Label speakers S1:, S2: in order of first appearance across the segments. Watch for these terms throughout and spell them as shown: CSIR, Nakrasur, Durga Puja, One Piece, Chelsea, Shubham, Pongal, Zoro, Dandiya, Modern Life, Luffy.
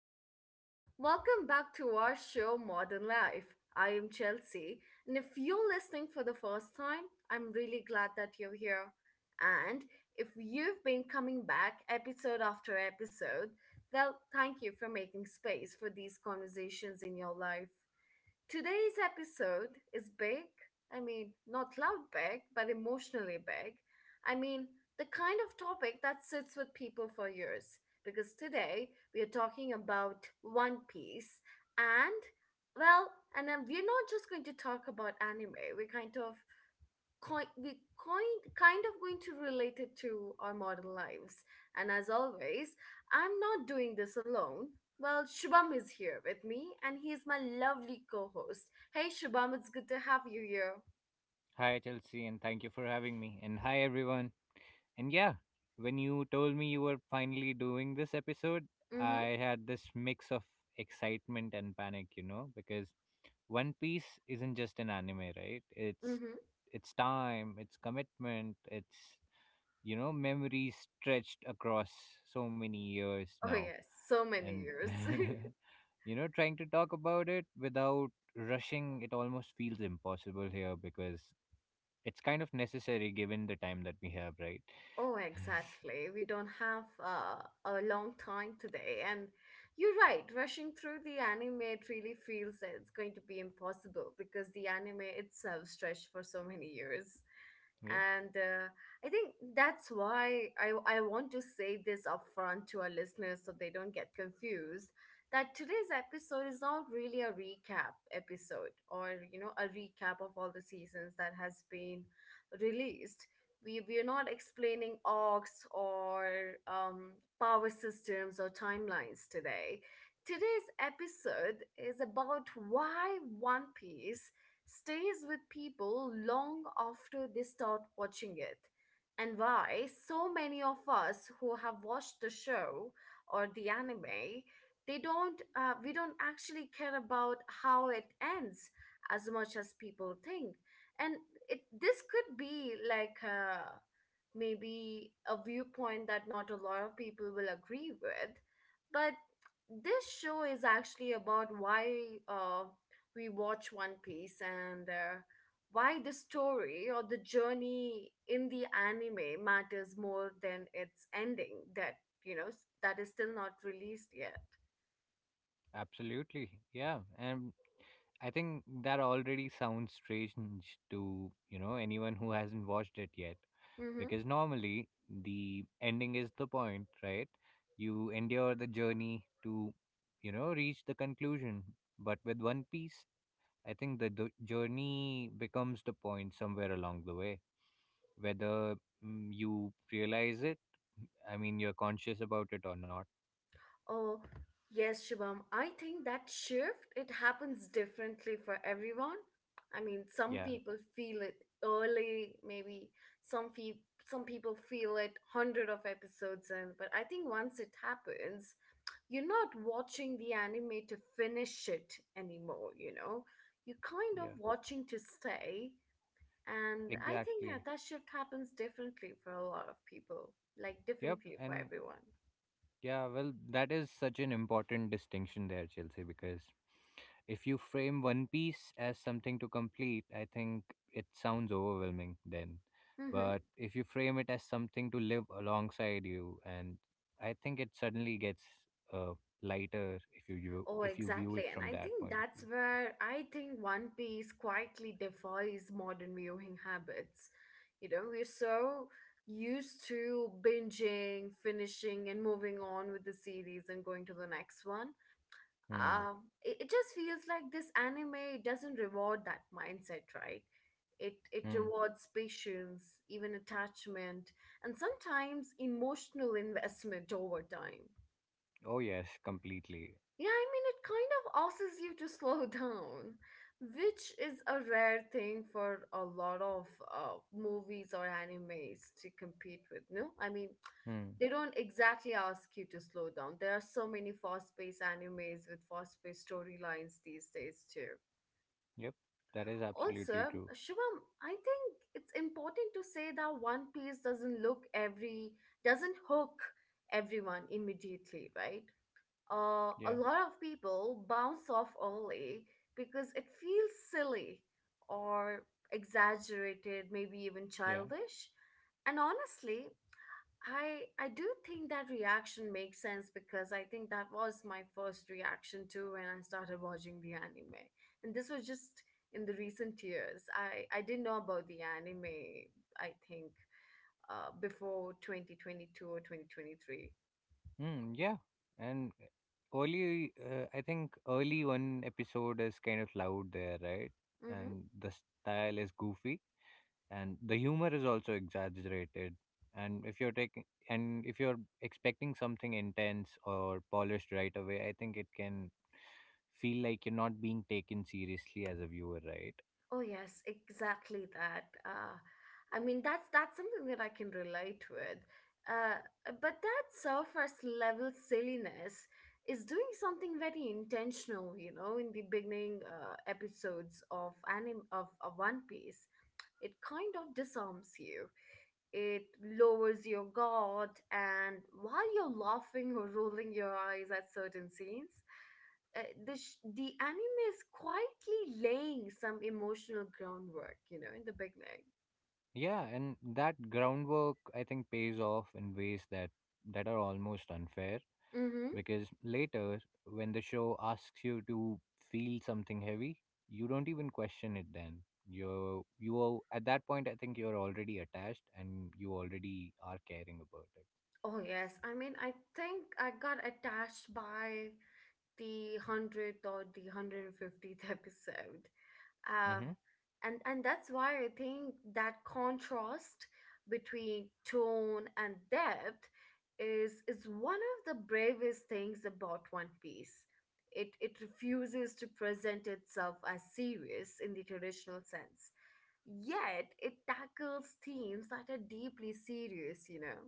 S1: morning. Welcome back to our show, Modern Life. I am Chelsea, and if you're listening for the first time, I'm really glad that you're here. And if you've been coming back episode after episode, well, thank you for making space for these conversations in your life. Today's episode is big. I mean, not loud big, but emotionally big. I mean, the kind of topic that sits with people for years. Because today we are talking about One Piece and, well, and we're not just going to talk about anime. We're kind of kind we kind kind of going to relate it to our modern lives. And as always, I'm not doing this alone. Well, Shubham is here with me, and he's my lovely co-host. Hey, Shubham, it's good to have you here.
S2: Hi, Chelsea, and thank you for having me. And hi, everyone. And yeah, when you told me you were finally doing this episode,
S1: Mhm,
S2: I had this mix of excitement and panic, you know, because One Piece isn't just an anime, right? It's
S1: mhm.
S2: it's time, it's commitment, it's memories stretched across so many years
S1: Oh
S2: now.
S1: yes, so many
S2: And
S1: years.
S2: trying to talk about it without rushing, it almost feels impossible here because it's kind of necessary given the time that we have, right?
S1: Oh, exactly. We don't have a long time today, and you're right. Rushing through the anime, it really feels that it's going to be impossible because the anime itself stretched for so many years.
S2: Yep,
S1: And I think that's why I want to say this upfront to our listeners so they don't get confused that today's episode is not really a recap episode, or you know, a recap of all the seasons that has been released. We're not explaining arcs or power systems or timelines today. Today's episode is about why One Piece stays with people long after they start watching it, and why so many of us who have watched the show or the anime, they don't, we don't actually care about how it ends as much as people think. And it this could be like maybe a viewpoint that not a lot of people will agree with, but this show is actually about why rewatch One Piece, and why the story or the journey in the anime matters more than its ending that that is still not released yet.
S2: absolutely. Yeah, and I think that already sounds strange to, anyone who hasn't watched it yet
S1: Mm-hmm.
S2: because normally the ending is the point, right? You endure the journey to, reach the conclusion. But with One Piece, I think the journey becomes the point somewhere along the way, whether you realize it, I mean, you're conscious about it or not.
S1: Oh, yes, Shubham. I think that shift, it happens differently for everyone. I mean, some
S2: Yeah,
S1: people feel it early, maybe some feel some people feel it hundred of episodes in, but I think once it happens, you're not watching the anime to finish it anymore, you know? You're kind of
S2: yeah,
S1: watching to stay. And I think, yeah,
S2: exactly.
S1: that shift happens differently for a lot of people, like
S2: Yep,
S1: differently for
S2: and
S1: everyone.
S2: yeah, well, that is such an important distinction there, Chelsea, because if you frame One Piece as something to complete, I think it sounds overwhelming then.
S1: Mm-hmm.
S2: But if you frame it as something to live alongside you, and I think it suddenly gets uh, lighter
S1: Oh,
S2: if you view
S1: exactly.
S2: it
S1: And
S2: from
S1: I
S2: that
S1: think
S2: point of
S1: that's
S2: view.
S1: where I think One Piece quietly defies modern viewing habits. You know, we're so used to binging, finishing, and moving on with the series and going to the next one.
S2: Hmm.
S1: It just feels like this anime doesn't reward that mindset, right? It
S2: Hmm.
S1: rewards patience, even attachment, and sometimes emotional investment over time.
S2: Oh yes, completely.
S1: Yeah, I mean, it kind of asks you to slow down, which is a rare thing for a lot of movies or animes to compete with. No, I mean,
S2: Hmm.
S1: they don't exactly ask you to slow down. There are so many fast paced animes with fast paced storylines these days, too.
S2: Yep, that is absolutely
S1: Also,
S2: true.
S1: Shivam, I think it's important to say that One Piece doesn't look every, doesn't hook everyone immediately, right? A
S2: Yeah.
S1: lot of people bounce off early because it feels silly or exaggerated, maybe even
S2: Yeah.
S1: childish. And honestly, I do think that reaction makes sense because I think that was my first reaction too when I started watching the anime. And this was just in the recent years. I didn't know about the anime, I think, before 2022 or 2023.
S2: Hmm. Yeah, and early, I think early one episode is kind of loud there, right? And the style is goofy, and the humor is also exaggerated. And if you're expecting something intense or polished right away, I think it can feel like you're not being taken seriously as a viewer, right?
S1: Oh yes, exactly that. I mean, that's something that I can relate with. Uh, but that surface level silliness is doing something very intentional, you know, in the beginning episodes of of One Piece. It kind of disarms you. It lowers your guard, and while you're laughing or rolling your eyes at certain scenes, the anime is quietly laying some emotional groundwork, you know, in the beginning.
S2: Yeah, and that groundwork I think pays off in ways that are almost unfair.
S1: Mm-hmm.
S2: Because later, when the show asks you to feel something heavy, you don't even question it then. You are, at that point, I think you're already attached and you already are caring about
S1: Oh yes, I mean, I think I got attached by the 100th or the 150th episode.
S2: it.
S1: uh,
S2: Hmm.
S1: and that's why I think that contrast between tone and depth is one of the bravest things about One Piece. It refuses to present itself as serious in the traditional sense, yet it tackles themes that are deeply serious, you know.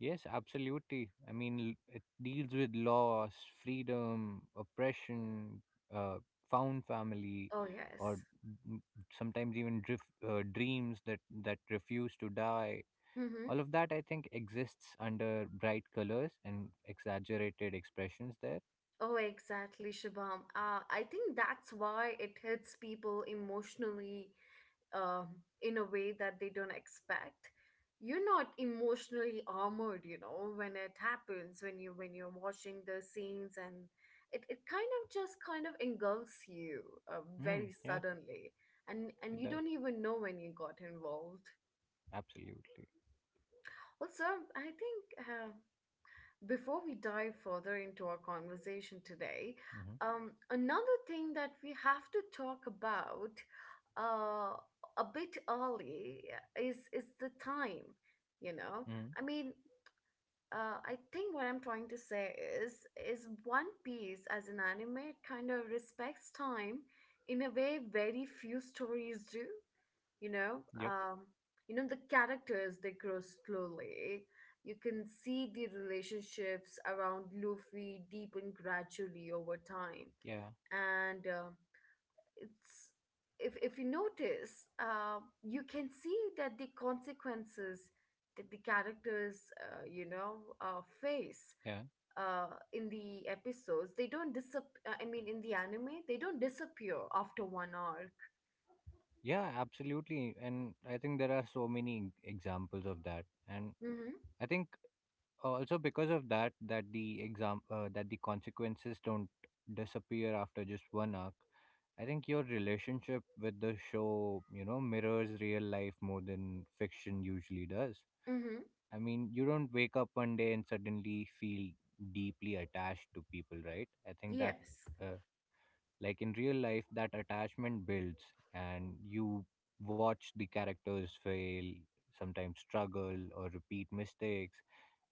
S2: Yes, absolutely. I mean, it deals with loss, freedom, oppression, uh, found family,
S1: Oh
S2: or
S1: yes.
S2: mm, sometimes even drift, dreams that refuse to die.
S1: Mm-hmm.
S2: All of that I think exists under bright colors and exaggerated expressions there.
S1: Oh exactly, Shabam. I think that's why it hits people emotionally um, in a way that they don't expect. You're not emotionally armored, you know, when it happens, when you're watching the scenes, and it kind of just kind of engulfs you
S2: Mm,
S1: very
S2: yeah,
S1: suddenly. And
S2: it
S1: you
S2: does,
S1: don't even know when you got involved.
S2: absolutely.
S1: Also, I think before we dive further into our conversation today,
S2: Mm-hmm.
S1: another thing that we have to talk about uh, a bit early is the time. You know,
S2: Mm.
S1: I mean, I think what I'm trying to say is is One Piece as an anime kind of respects time in a way very few stories do, you know.
S2: Yep.
S1: You know, the characters, they grow slowly. You can see the relationships around Luffy deepen gradually over time,
S2: Yeah.
S1: and it's if you notice you can see that the consequences that the characters face
S2: Yeah.
S1: uh, in the episodes they don't disap I mean, in the anime, they don't disappear after one arc.
S2: Yeah. Absolutely. And I think there are so many examples of that. And
S1: Mm-hmm,
S2: I think also because of that that the exam that the consequences don't disappear after just one arc. I think your relationship with the show, mirrors real life more than fiction usually does.
S1: mm-hmm,
S2: I mean, you don't wake up one day and suddenly feel deeply attached to people, right? I think
S1: yes.
S2: uh, like in real life, that attachment builds. And you watch the characters fail, sometimes struggle or repeat mistakes.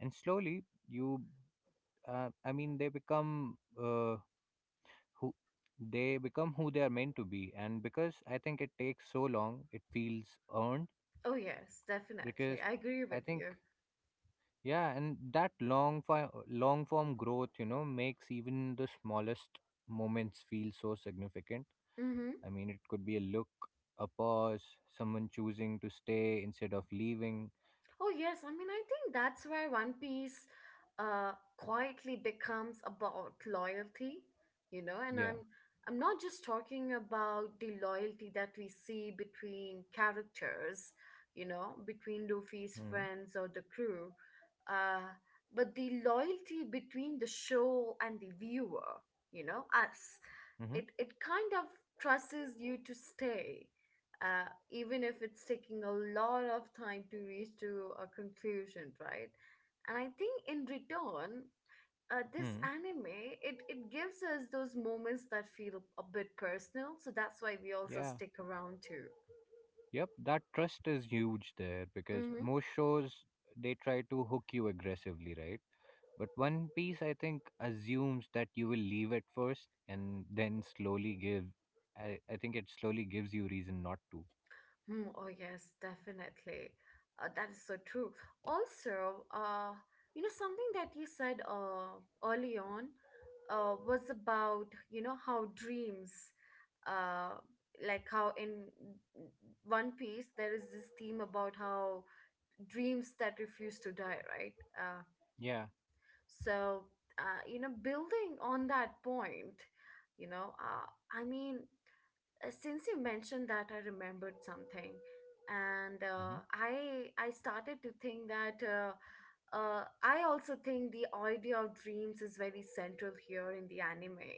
S2: And slowly, I mean, they become who who they are meant to be. And because I think it takes so long, it feels earned.
S1: Oh, yes,
S2: Because
S1: definitely. I agree
S2: I
S1: with
S2: think
S1: you.
S2: Yeah, and that long form growth, makes even the smallest moments feel so significant.
S1: Mm-hmm.
S2: I mean, it could be a look, a pause, someone choosing to stay instead of leaving.
S1: Oh, yes. I mean, I think that's where One Piece quietly becomes about loyalty, you know, and
S2: Yeah.
S1: I'm not just talking about the loyalty that we see between characters, you know, between Luffy's
S2: Mm.
S1: friends or the crew, uh, but the loyalty between the show and the viewer, you know, us.
S2: Mm-hmm.
S1: It kind of trusts you to stay, uh, even if it's taking a lot of time to reach to a conclusion, right? And I think in return, this
S2: Mm.
S1: anime it, it gives us those moments that feel a bit personal, so that's why we also
S2: Yeah.
S1: stick around too.
S2: Yep. That trust is huge there because
S1: Mm-hmm.
S2: most shows they try to hook you aggressively, right? But One Piece, I think, assumes that you will leave at first and then slowly give. I think it slowly gives you reason not to.
S1: Hmm, oh yes, definitely. That is so true. Also, you know, something that you said early on was about, you know, how dreams, uh, like how in One Piece, there is this theme about how dreams that refuse to die, right?
S2: Yeah.
S1: So, you know, building on that point, you know, I mean, since you mentioned that, I remembered something, and uh,
S2: Mm-hmm.
S1: i i started to think that uh, I also think the idea of dreams is very central here in the anime,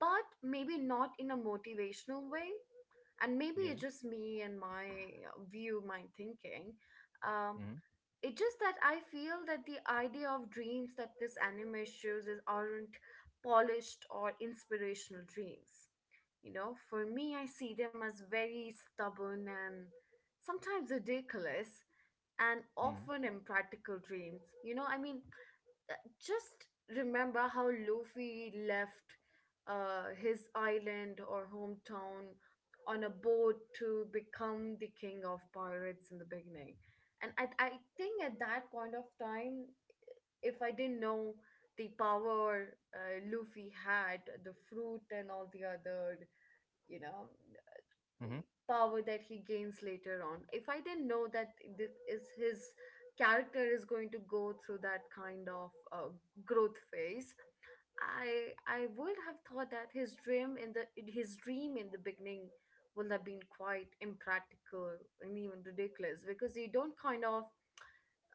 S1: but maybe not in a motivational way. And maybe
S2: Yeah.
S1: it's just me and my thinking. um,
S2: Mm-hmm.
S1: it's just that I feel that the idea of dreams that this anime shows is aren't polished or inspirational dreams. You know, for me, I see them as very stubborn and sometimes ridiculous and
S2: Mm-hmm.
S1: often impractical dreams. You know, I mean, uh, just remember how Luffy left his island or hometown on a boat to become the king of pirates in the beginning. And I think at that point of time, if I didn't know the power Luffy had, the fruit and all the other, you know, the
S2: Mm-hmm.
S1: power that he gains later on. If I didn't know that this is his character is going to go through that kind of growth phase, I would have thought that his dream in the beginning would have been quite impractical and even ridiculous because you don't kind of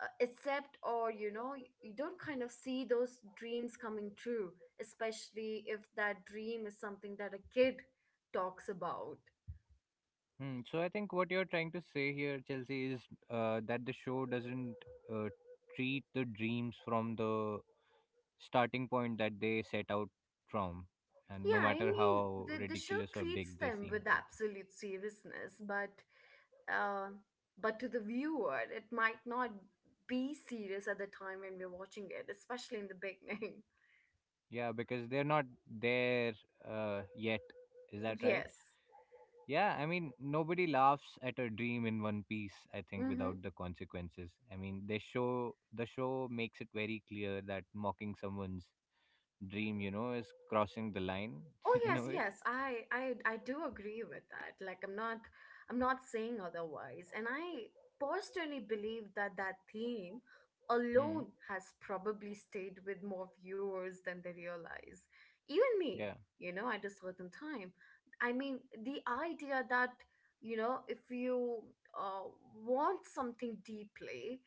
S1: accept, or you know, you don't kind of see those dreams coming true, especially if that dream is something that a kid talks about.
S2: Mm. So I think what you're trying to say here, Chelsea, is that the show doesn't uh, treat the dreams from the starting point that they set out from, and no
S1: Yeah, I
S2: matter
S1: mean,
S2: how
S1: the show
S2: ridiculous or
S1: treats
S2: big they
S1: them with
S2: seem to
S1: absolute seriousness, uh, but to the viewer, it might not be serious at the time when we're watching it, especially in the beginning.
S2: be. Yeah, because they're not there yet. Is that right?
S1: Yes.
S2: Yeah, I mean, nobody laughs at a dream in one piece, I think,
S1: Mm-hmm.
S2: without the consequences. I mean, the show makes it very clear that mocking someone's dream, is crossing the line
S1: Oh
S2: in a
S1: yes,
S2: way.
S1: yes. I do agree with that. Like, I'm not saying otherwise. And I personally believe that that theme
S2: Mm.
S1: alone has probably stayed with more viewers than they realize. Even me,
S2: Yeah,
S1: you know, at a certain time. I mean, the idea that, you know, if you uh, want something deeply,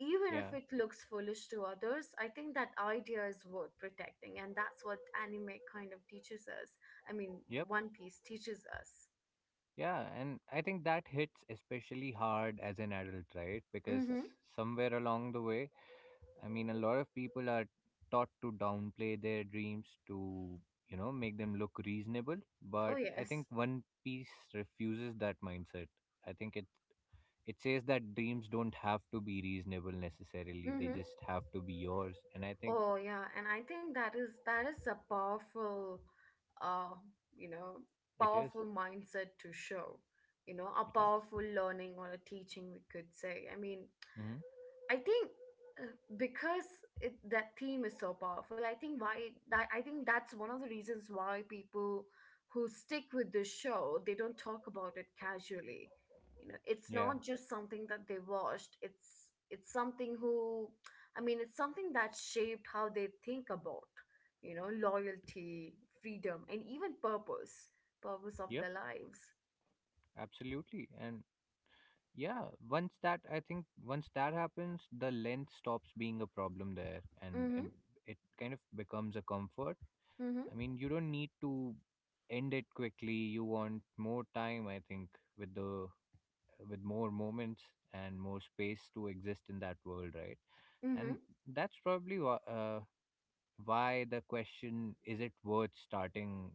S1: even
S2: yeah,
S1: if it looks foolish to others, I think that idea is worth protecting, and that's what anime kind of teaches us. I mean, the
S2: yep,
S1: One Piece teaches us.
S2: yeah. And I think that hits especially hard as an adult, right? Because
S1: Mm-hmm.
S2: somewhere along the way, I mean, a lot of people are taught to downplay their dreams to, make them look reasonable.
S1: Oh
S2: But I
S1: yes.
S2: think One Piece refuses that mindset. I think it says that dreams don't have to be reasonable necessarily. They
S1: Mm-hmm.
S2: just have to be yours. And I think
S1: Oh yeah, and I think that is a powerful, uh, you know,
S2: it is.
S1: powerful mindset to show. You know, a
S2: It is.
S1: powerful learning or a teaching, we could say. I mean,
S2: Mm-hmm.
S1: I think uh, because that theme is so powerful, I think that's one of the reasons why people who stick with this show they don't talk about it casually. You know, it's
S2: Yeah.
S1: not just something that they watched. It's something who, I mean, it's something that shaped how they think about, you know, loyalty, freedom, and even purpose, purpose of
S2: Yep.
S1: their lives.
S2: Absolutely. And yeah, once that I think once that happens, the length stops being a problem there, and
S1: Mm-hmm.
S2: and it kind of becomes a comfort.
S1: Mm-hmm.
S2: I mean, you don't need to end it quickly. You want more time, I think, with the with more moments and more space to exist in that world, right?
S1: Mm-hmm.
S2: And that's probably why the question "Is it worth starting?"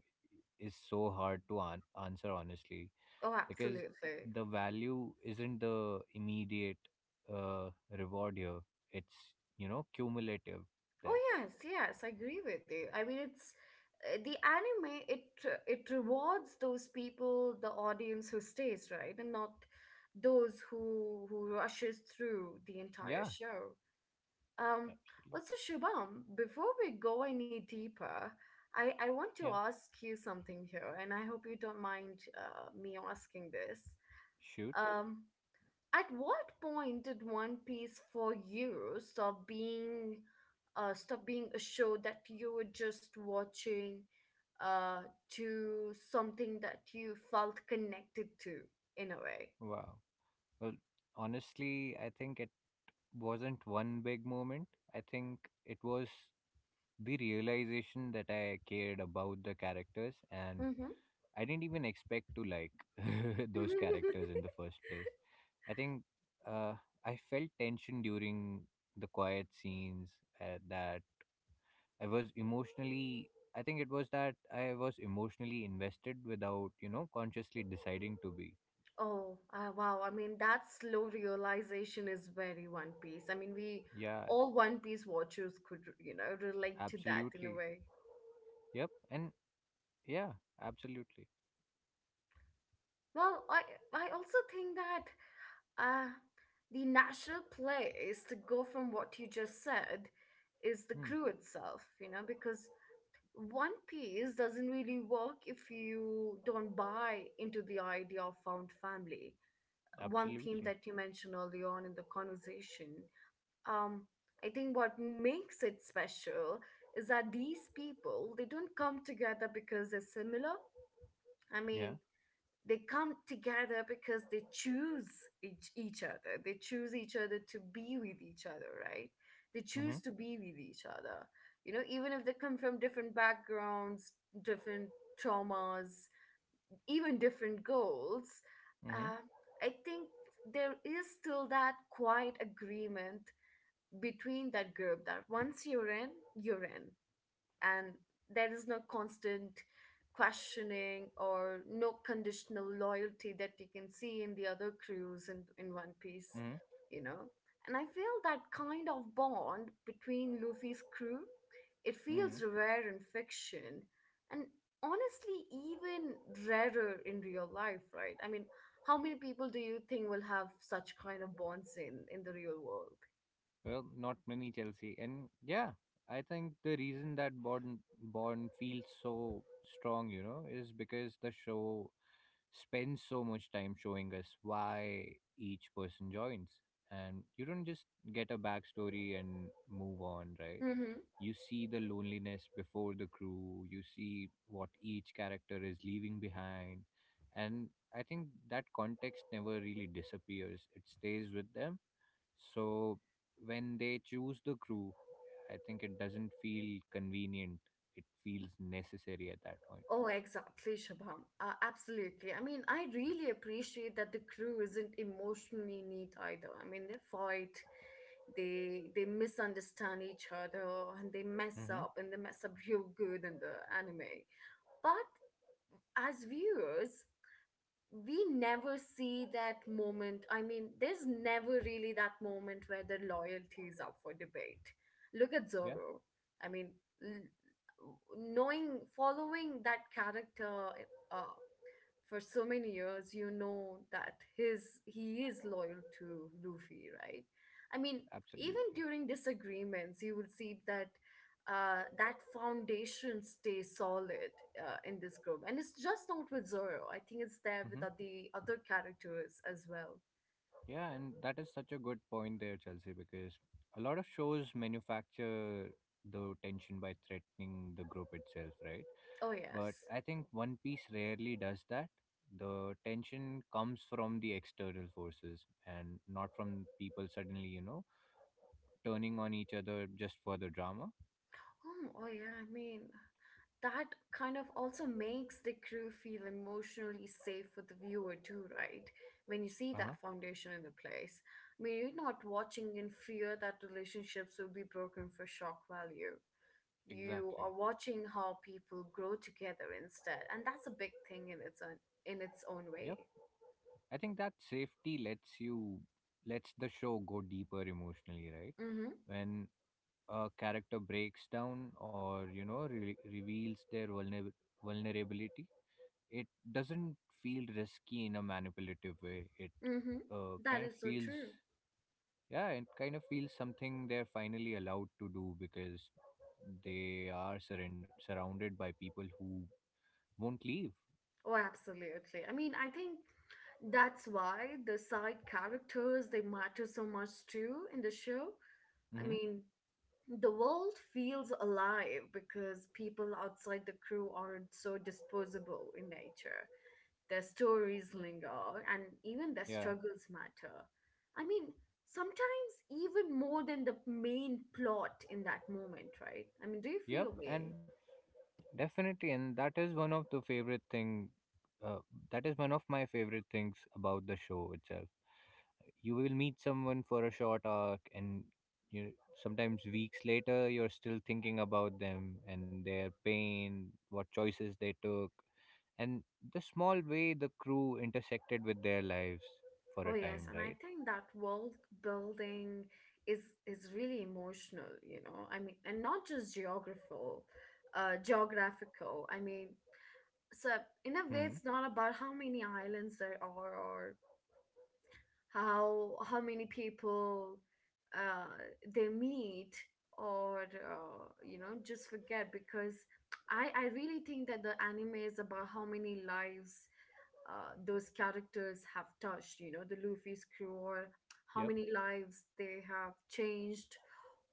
S2: is so hard to answer honestly,
S1: Oh,
S2: because
S1: absolutely.
S2: the value isn't the immediate uh, reward here. It's, cumulative.
S1: Oh
S2: There,
S1: yes, yes, I agree with you. I mean, it's the anime. It rewards those people, the audience who stays, right, and not those who rushes through the entire
S2: yeah,
S1: show. Um,
S2: absolutely,
S1: Also, Shubham, before we go any deeper, I want to
S2: yeah.
S1: ask you something here, and I hope you don't mind me asking this.
S2: Shoot,
S1: Um, at what point did One Piece for you stop being a show that you were just watching uh to something that you felt connected to in a way?
S2: wow. Well, honestly, I think it wasn't one big moment. I think it was the realization that I cared about the characters, and
S1: Hmm.
S2: I didn't even expect to like those characters in the first place. I think uh, I felt tension during the quiet scenes, that I was emotionally. I think it was that I was emotionally invested without, consciously deciding to be.
S1: Oh, wow. I mean, that slow realization is very One Piece. I mean, we
S2: Yeah,
S1: all One Piece watchers could, you know, relate to that in a
S2: absolutely.
S1: way.
S2: Yep. And yeah, absolutely.
S1: Well, I also think that Uh, the natural place to go from what you just said is the
S2: Hmm,
S1: crew itself, you know, because One Piece doesn't really work if you don't buy into the idea of found family. One theme
S2: absolutely.
S1: that you mentioned early on in the conversation. Um, I think what makes it special is that these people they don't come together because they're similar. I
S2: Yeah.
S1: mean, they come together because they choose each other, they choose each other to be with each other, right, they
S2: Mm-hmm.
S1: choose to be with each other, you know, even if they come from different backgrounds, different traumas, even different goals.
S2: Mm-hmm.
S1: uh, I think there is still that quiet agreement between that group that once you're in, you're in, and there is no constant questioning or no conditional loyalty that you can see in the other crews in, One Piece,
S2: Mm-hmm.
S1: you know. And I feel that kind of bond between Luffy's crew, it
S2: Mm-hmm.
S1: feels rare in fiction and honestly even rarer in real life, right? I mean, how many people do you think will have such kind of bonds in the real world?
S2: Well, not many, Chelsea, and yeah, I think the reason that Bond feels so strong, is because the show spends so much time showing us why each person joins, and you don't just get a backstory and move on, right? You see the loneliness before the crew. You see what each character is leaving behind, and I think that context never really disappears. It stays with them, so when they choose the crew, I think it doesn't feel convenient. It feels necessary at that point.
S1: Oh, exactly, Shabham. Absolutely. I mean, I really appreciate that the crew isn't emotionally neat either. I mean, they fight, they misunderstand each other, and they mess
S2: Hmm.
S1: up, and they mess up real good in the anime. But as viewers, we never see that moment. I mean, there's never really that moment where the loyalty is up for debate. Look at
S2: Yeah,
S1: Zorro. I mean, following that character uh, for so many years, you know that his he is loyal to Luffy, right? I mean, even
S2: absolutely.
S1: during disagreements, you will see that that foundation stays solid in this group, and it's just not with Zoro. I think it's there with
S2: Hmm.
S1: the other characters as well.
S2: Yeah, and that is such a good point there, Chelsea, because a lot of shows manufacture the tension by threatening the group itself, right?
S1: Oh
S2: But
S1: yes.
S2: I think One Piece rarely does that. The tension comes from the external forces and not from people suddenly, turning on each other just for the drama.
S1: Oh, oh yeah, I mean, that kind of also makes the crew feel emotionally safe for the viewer too, right? When you see
S2: Uh-huh.
S1: that foundation in the place. I mean, you're not watching in fear that relationships will be broken for shock value. You
S2: Exactly.
S1: are watching how people grow together instead, and that's a big thing in its own
S2: Yep.
S1: way.
S2: I think that safety lets the show go deeper emotionally, right?
S1: Mm-hmm.
S2: When a character breaks down or reveals their vulnerability, it doesn't feel risky in a manipulative way.
S1: Mm-hmm.
S2: Uh,
S1: That
S2: kind of
S1: is so
S2: feels
S1: true.
S2: yeah, it kind of feels something they're finally allowed to do because they are surrounded by people who won't leave.
S1: Oh, absolutely. I mean, I think that's why the side characters they matter so much too in the show. I
S2: Hmm.
S1: mean, the world feels alive because people outside the crew aren't so disposable in nature. Their stories linger and even their
S2: Yeah.
S1: struggles matter. I mean, sometimes even more than the main plot in that moment, right? I mean, do you
S2: Yep.
S1: feel me?
S2: And definitely, and that is one of the favorite thing. Uh, that is one of my favorite things about the show itself. You will meet someone for a short arc, and you sometimes weeks later you're still thinking about them and their pain, what choices they took, and the small way the crew intersected with their lives for
S1: Oh
S2: a
S1: yes,
S2: time.
S1: and I
S2: Right?
S1: think that world building is really emotional, you know. I mean, and not just geographical. I mean, so in a way,
S2: Hmm.
S1: it's not about how many islands there are or how many people uh, they meet or you know, just forget, because I really think that the anime is about how many lives those characters have touched. You know, the Luffy's crew, or how
S2: Yep.
S1: many lives they have changed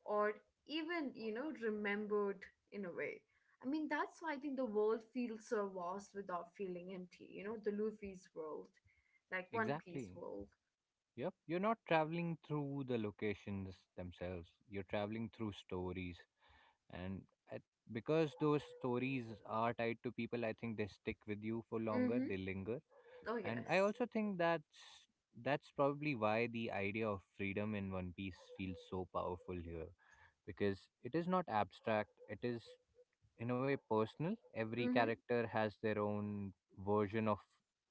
S1: or even, you know, remembered in a way. I mean, that's why I think the world feels so vast without feeling empty. You know, the Luffy's world, like One Piece
S2: Exactly.
S1: world.
S2: Yep, you're not traveling through the locations themselves. You're traveling through stories, and I, because those stories are tied to people, I think they stick with you for longer.
S1: Mm-hmm.
S2: They linger,
S1: Oh
S2: and I
S1: yes.
S2: also think that's probably why the idea of freedom in One Piece feels so powerful here, because it is not abstract. It is in a way personal. Every
S1: Mm-hmm.
S2: character has their own version of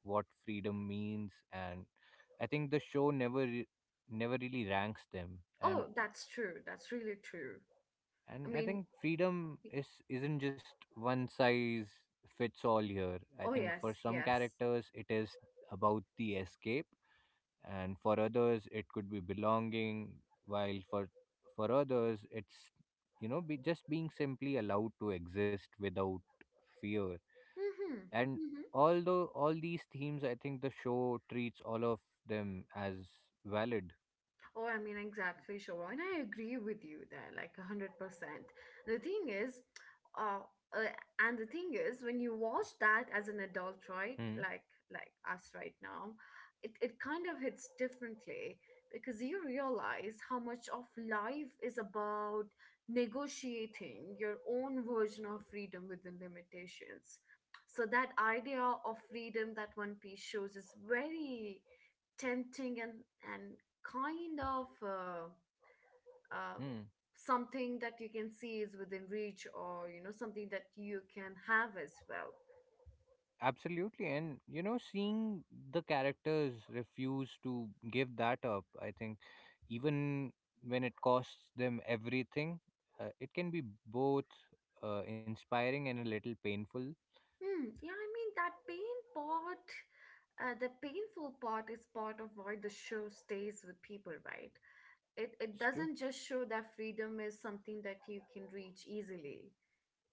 S2: what freedom means, and I think the show never never really ranks them.
S1: Oh,
S2: And
S1: that's true. That's really true. I
S2: and I
S1: mean,
S2: think freedom
S1: y-
S2: is isn't just one size fits all here. I
S1: oh
S2: think
S1: yes,
S2: for some
S1: yes.
S2: characters it is about the escape, and for others it could be belonging, while for others it's be just being simply allowed to exist without fear.
S1: Mm-hmm.
S2: And
S1: Mm-hmm.
S2: although all these themes I think the show treats all of them as valid.
S1: Oh, I mean, exactly, Shoba. And I agree with you there, like 100%. The thing is, uh, uh, and the thing is, when you watch that as an adult, right,
S2: Hmm.
S1: like us right now, it kind of hits differently because you realize how much of life is about negotiating your own version of freedom within limitations. So that idea of freedom that One Piece shows is very tempting and and kind of uh,
S2: Hmm.
S1: something that you can see is within reach, or you know, something that you can have as well.
S2: Absolutely. And seeing the characters refuse to give that up, I think, even when it costs them everything, it can be both inspiring and a little painful.
S1: Hmm. Yeah, I mean, that pain part, the painful part is part of why the show stays with people, right? It
S2: It's
S1: doesn't
S2: true.
S1: just show that freedom is something that you can reach easily.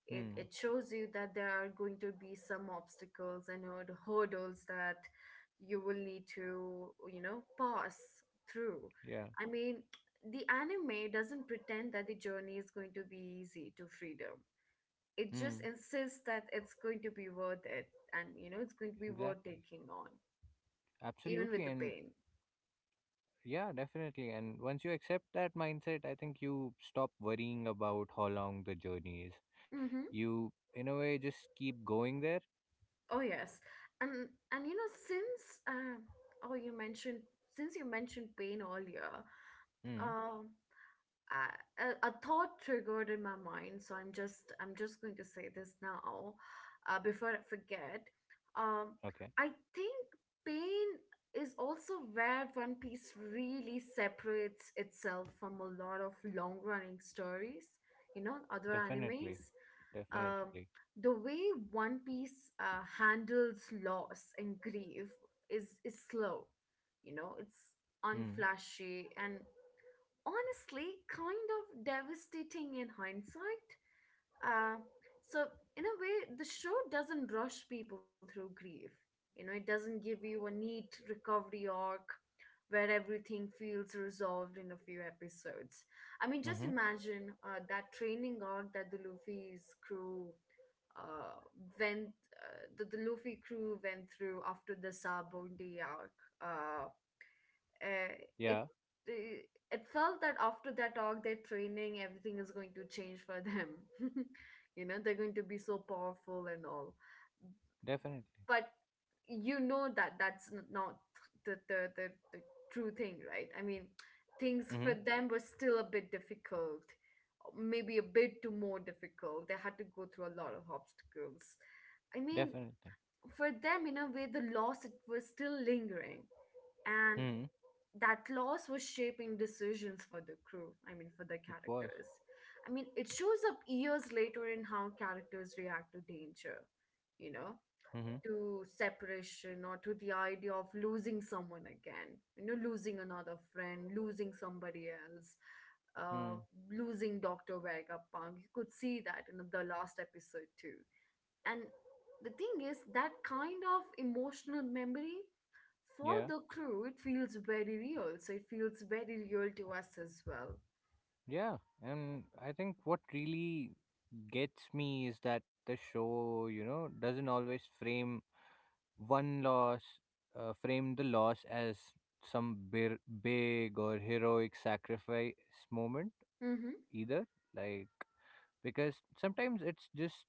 S2: Hmm.
S1: It shows you that there are going to be some obstacles and hurdles that you will need to, you know, pass through.
S2: Yeah.
S1: I mean, the anime doesn't pretend that the journey is going to be easy to freedom. It just
S2: Hmm.
S1: insists that it's going to be worth it, and you know, it's going to be worth
S2: Exactly.
S1: taking on even
S2: Absolutely.
S1: with the
S2: And
S1: pain.
S2: yeah, definitely. And once you accept that mindset, I think you stop worrying about how long the journey is.
S1: Mm-hmm.
S2: You, in a way, just keep going there.
S1: Oh yes. and and you know, since oh you mentioned since you mentioned pain earlier,
S2: Mm,
S1: um a thought triggered in my mind, so I'm just going to say this now, before I forget. um,
S2: okay.
S1: I think pain is also where One Piece really separates itself from a lot of long running stories, you know, other
S2: Definitely.
S1: animes. um,
S2: Definitely.
S1: the way One Piece handles loss and grief is slow, you know, it's
S2: Hmm.
S1: unflashy and honestly kind of devastating in hindsight. Uh, so, in a way, the show doesn't rush people through grief. You know, it doesn't give you a neat recovery arc where everything feels resolved in a few episodes. I mean, just
S2: Mm-hmm.
S1: imagine that training arc that the Luffy's crew uh, went, that the Luffy crew went through after the Sabo Day arc. Uh, uh, it
S2: Yeah,
S1: uh, it felt that after that talk, their training, everything is going to change for them. You know, they're going to be so powerful and all.
S2: definitely.
S1: But you know that not the true thing, right? I mean, things
S2: Mm-hmm.
S1: for them were still a bit difficult, maybe a bit too more difficult. They had to go through a lot of obstacles. I mean,
S2: Definitely.
S1: for them, in a way, the loss it was still lingering, and
S2: Hmm.
S1: that loss was shaping decisions for the crew, I mean, for the
S2: It was.
S1: characters. I mean, it shows up years later in how characters react to danger, you know,
S2: Mm-hmm.
S1: to separation, or to the idea of losing someone again, you know, losing another friend, losing somebody else, uh
S2: Hmm.
S1: losing Dr. Vega Punk. You could see that in the last episode too. And the thing is, that kind of emotional memory for
S2: Yeah.
S1: the crew, it feels very real, so it feels very real to us as well.
S2: Yeah. And I think what really gets me is that the show, doesn't always frame One loss framed the loss as some big or heroic sacrifice moment,
S1: Mm-hmm.
S2: either. Like, because sometimes it's just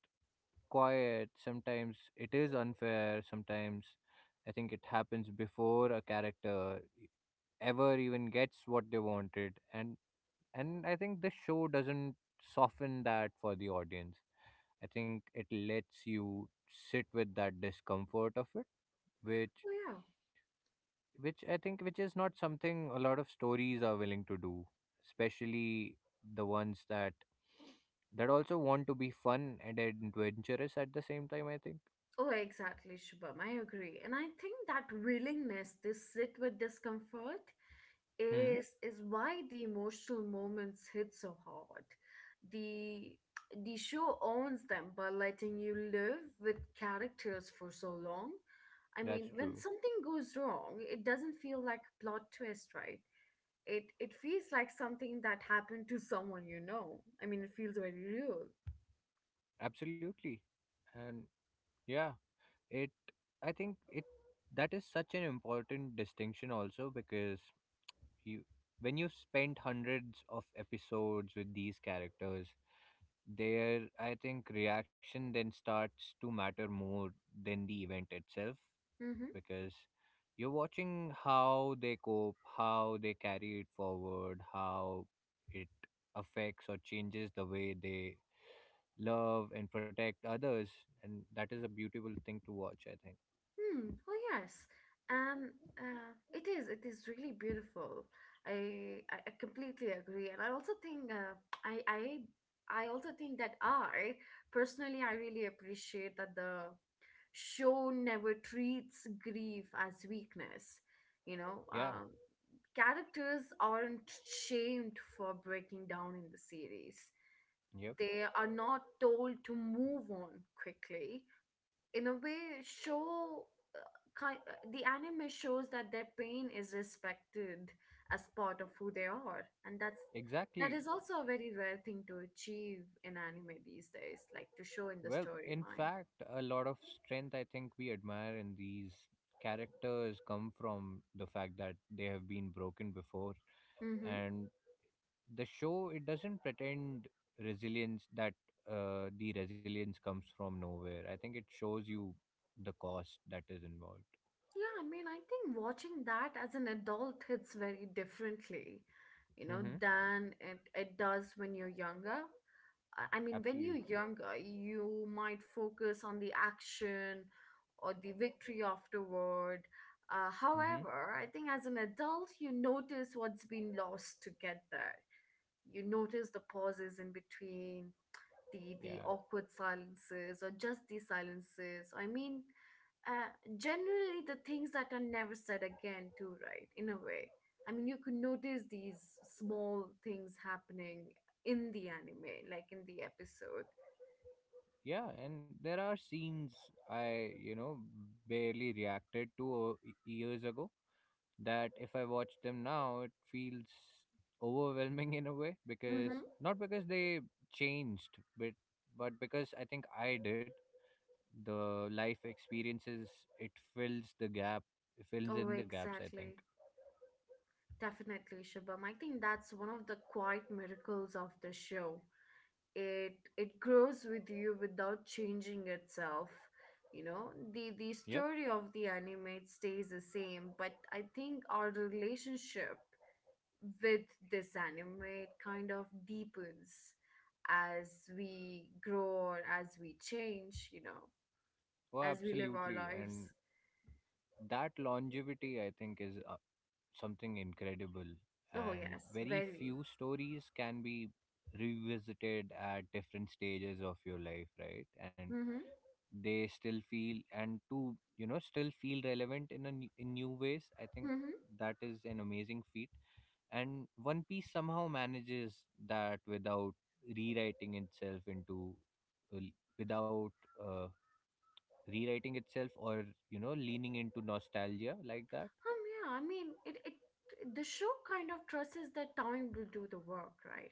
S2: quiet, sometimes it is unfair, sometimes I think it happens before a character ever even gets what they wanted. and, I think the show doesn't soften that for the audience. I think it lets you sit with that discomfort of it which
S1: Oh yeah.
S2: which I think which is not something a lot of stories are willing to do, especially the ones that also want to be fun and adventurous at the same time, I think.
S1: Oh exactly, Shubham, I agree, and I think that willingness to sit with discomfort
S2: Hmm,
S1: is why the emotional moments hit so hard. the the show owns them by letting you live with characters for so long. I mean,
S2: that's
S1: when
S2: true.
S1: something goes wrong, it doesn't feel like plot twist, right? It feels like something that happened to someone you know. I mean, it feels very real.
S2: Absolutely. And yeah, it I think it that is such an important distinction also because you when you spend hundreds of episodes with these characters, their I think reaction then starts to matter more than the event itself
S1: Mm-hmm.
S2: because you're watching how they cope, how they carry it forward, how it affects or changes the way they love and protect others. And that is a beautiful thing to watch, I think.
S1: Hmm. Oh yes, and it is. It is really beautiful. I completely agree, and I also think I I I also think that I personally I really appreciate that the show never treats grief as weakness. You know,
S2: Yeah,
S1: characters aren't shamed for breaking down in the series.
S2: yep,
S1: They are not told to move on quickly. In a way, uh, the anime shows that their pain is respected as part of who they are, and that is
S2: exactly.
S1: also a very rare thing to achieve in anime these days, like to show in the
S2: Well, in
S1: storyline.
S2: fact, a lot of strength I think we admire in these characters come from the fact that they have been broken before,
S1: Mm-hmm.
S2: and the show, it doesn't pretend resilience that the resilience comes from nowhere. I think it shows you the cost that is involved.
S1: Yeah, I mean, I think watching that as an adult hits very differently, you know,
S2: Mm-hmm.
S1: than it does when you're younger. I mean, when you're
S2: Absolutely.
S1: younger, you might focus on the action or the victory afterward.
S2: Mm-hmm.
S1: However, I think as an adult, you notice what's been lost to get there. You notice the pauses in between the
S2: Yeah.
S1: awkward silences or just the silences. I mean, uh, generally the things that are never said again too, right? In a way, I mean, you could notice these small things happening in the anime, like in the episode.
S2: Yeah, and there are scenes I, barely reacted to years ago that if I watch them now, it feels overwhelming in a way because
S1: Mm-hmm.
S2: not because they changed, but because I think I did. The life experiences, it fills the gap it fills
S1: Oh,
S2: in the gaps, I think.
S1: exactly. Definitely, Shabam. I think that's one of the quiet miracles of the show. It grows with you without changing itself. You know, the
S2: Yep.
S1: story of the anime stays the same, but I think our relationship with this anime, it kind of deepens as we grow or as we change, you know,
S2: Oh,
S1: as we live our
S2: absolutely. And
S1: lives.
S2: that longevity, I think, is something incredible,
S1: Oh
S2: and
S1: yes,
S2: very
S1: very.
S2: few stories can be revisited at different stages of your life, right? And
S1: Mm-hmm.
S2: they still feel and to you know, still feel relevant in in new ways, I think.
S1: Mm-hmm.
S2: That is an amazing feat, and One Piece somehow manages that without rewriting itself into uh, without uh, rewriting itself, or you know, leaning into nostalgia like that.
S1: Yeah, I mean, it the show kind of trusts that time will do the work, right?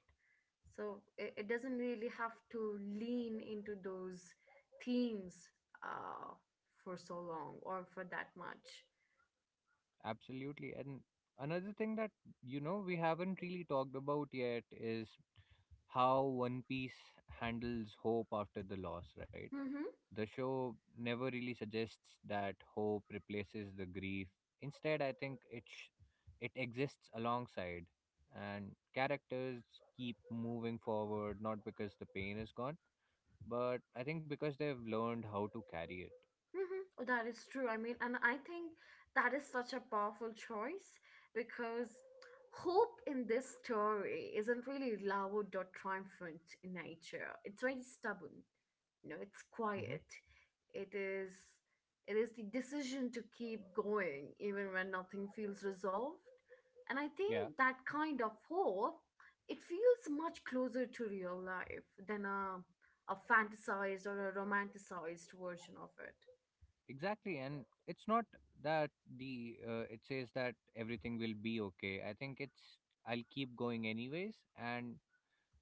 S1: So it doesn't really have to lean into those themes uh, for so long or for that much.
S2: Absolutely. And another thing that, you know, we haven't really talked about yet is how One Piece handles hope after the loss, right?
S1: Mm-hmm.
S2: The show never really suggests that hope replaces the grief. Instead, I think it exists alongside, and characters keep moving forward not because the pain is gone, but I think because they've learned how to carry it.
S1: Mm-hmm. Oh, that is true. I mean, and I think that is such a powerful choice because hope in this story isn't really loud or triumphant in nature. It's very stubborn. You know, it's
S2: Hmm.
S1: quiet. It is, it is the decision to keep going even when nothing feels resolved. And I think
S2: Yeah,
S1: that kind of hope, it feels much closer to real life than a fantasized or a romanticized version of it.
S2: exactly. And it's not that the it says that everything will be okay. I think it's I'll keep going anyways,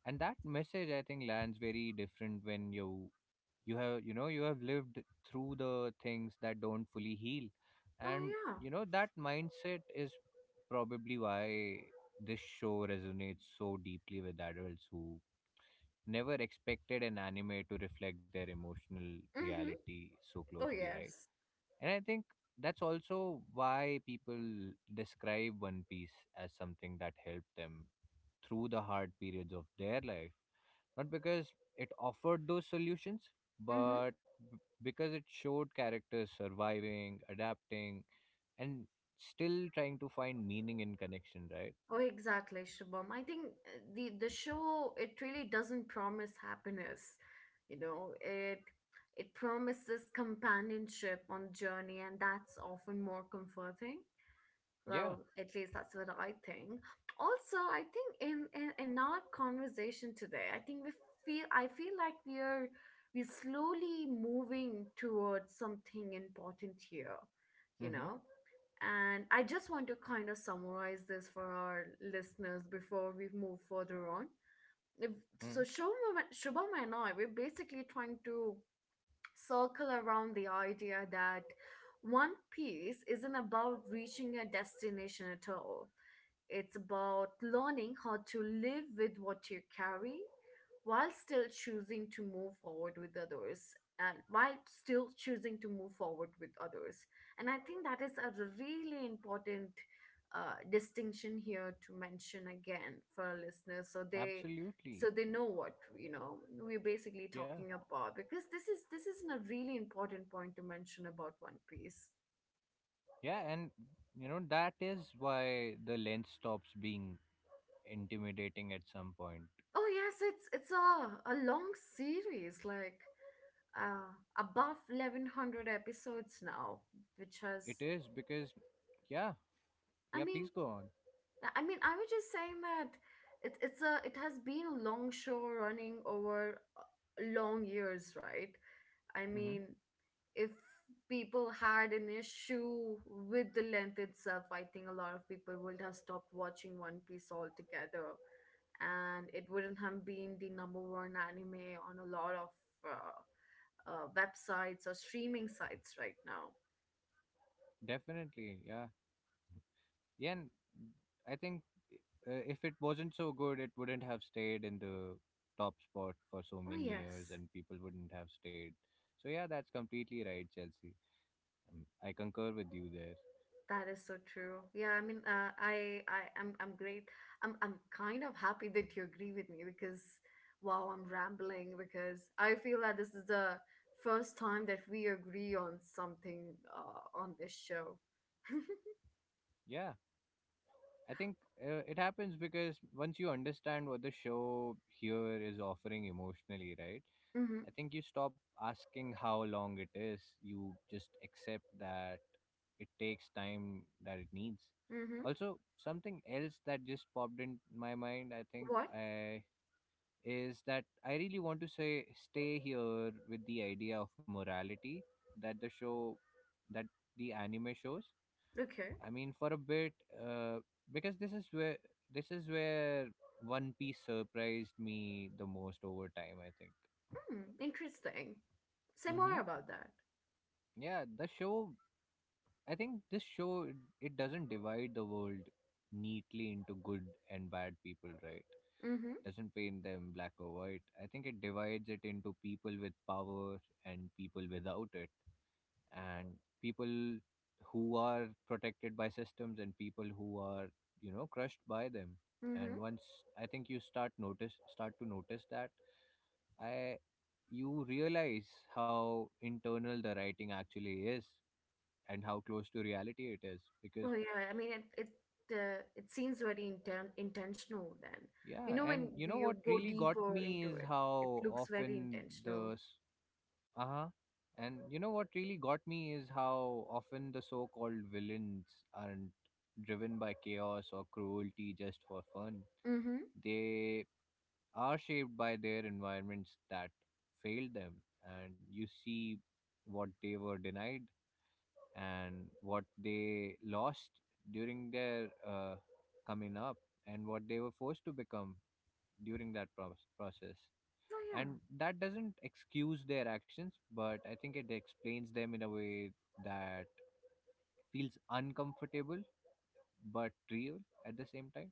S2: and that message I think lands very different when you have, you know, you have lived through the things that don't fully heal.
S1: Oh
S2: And
S1: yeah.
S2: you know that mindset is probably why this show resonates so deeply with adults who never expected an anime to reflect their emotional
S1: Mm-hmm.
S2: reality so
S1: Oh
S2: closely, right?
S1: yes.
S2: And I think that's also why people describe One Piece as something that helped them through the hard periods of their life, not because it offered those solutions,
S1: Mm-hmm.
S2: but because it showed characters surviving, adapting, and still trying to find meaning in connection, right?
S1: Oh, exactly, Shubham. I think the show, it really doesn't promise happiness. You know, it promises companionship on the journey, and that's often more comforting.
S2: Yeah.
S1: Well, at least that's what I think. Also, I think in our conversation today, I think we feel I feel like we're slowly moving towards something important here. You
S2: Mm-hmm.
S1: know. And I just want to kind of summarize this for our listeners before we move further on. If- So,
S2: Mm.
S1: Shubham and I, we're basically trying to circle around the idea that One Piece isn't about reaching a destination at all. It's about learning how to live with what you carry while still choosing to move forward with others and while still choosing to move forward with others. And I think that is a really important distinction here to mention again for our listeners, so they so
S2: Absolutely.
S1: they know what, you know, we're basically
S2: Yeah.
S1: talking about, because this is a really important point to mention about One Piece.
S2: Yeah. And, you know, that is why the lens stops being intimidating at some point.
S1: Oh yes, it's a long series, like above 1100 episodes now, which
S2: It
S1: has…
S2: is because, yeah.
S1: i
S2: Yeah.
S1: mean
S2: Please go on.
S1: I mean, I was just saying that it has been a long show running over long years, right? I
S2: Mm-hmm.
S1: mean, if people had an issue with the length itself, I think a lot of people would have stopped watching One Piece altogether, and it wouldn't have been the number one anime on a lot of uh, websites or streaming sites right now.
S2: Definitely. Yeah. Yeah, and I think if it wasn't so good, it wouldn't have stayed in the top spot for so
S1: Oh
S2: many years,
S1: yes,
S2: and people wouldn't have stayed. So yeah, that's completely right, Chelsea. I concur with you there.
S1: that is so true. Yeah, I mean, I'm great. I'm kind of happy that you agree with me because, wow, I'm rambling because I feel that this is the first time that we agree on something on this show.
S2: Yeah, I think it happens because once you understand what the show here is offering emotionally, right?
S1: Mm-hmm.
S2: I think you stop asking how long it is. You just accept that it takes time that it needs.
S1: Mm-hmm.
S2: Also, something else that just popped in my mind, I think,
S1: What?
S2: is that I really want to say stay here with the idea of morality that that the anime shows.
S1: Okay.
S2: I mean, for a bit, uh, because this is where One Piece surprised me the most over time, I think.
S1: Hmm. Interesting. Say
S2: Hmm.
S1: more about that.
S2: Yeah, the show. I think this show, it doesn't divide the world neatly into good and bad people, right?
S1: Mm-hmm.
S2: Doesn't paint them black or white. I think it divides it into people with power and people without it, and people who are protected by systems and people who are, you know, crushed by them. And
S1: Mm-hmm.
S2: once I think you start to notice that, I you realize how internal the writing actually is and how close to reality it is because
S1: Oh yeah, I mean it it seems very intentional then.
S2: yeah.
S1: You know, when
S2: And you know what
S1: you go
S2: really got
S1: deeper
S2: me
S1: into
S2: is
S1: it, it
S2: how
S1: looks very
S2: often
S1: intentional.
S2: uh-huh and you know what really got me is how often the so-called villains aren't driven by chaos or cruelty just for fun.
S1: Mm-hmm.
S2: They are shaped by their environments that failed them, and you see what they were denied and what they lost during their coming up and what they were forced to become during process.
S1: Oh yeah.
S2: And that doesn't excuse their actions, but I think it explains them in a way that feels uncomfortable but real at the same time.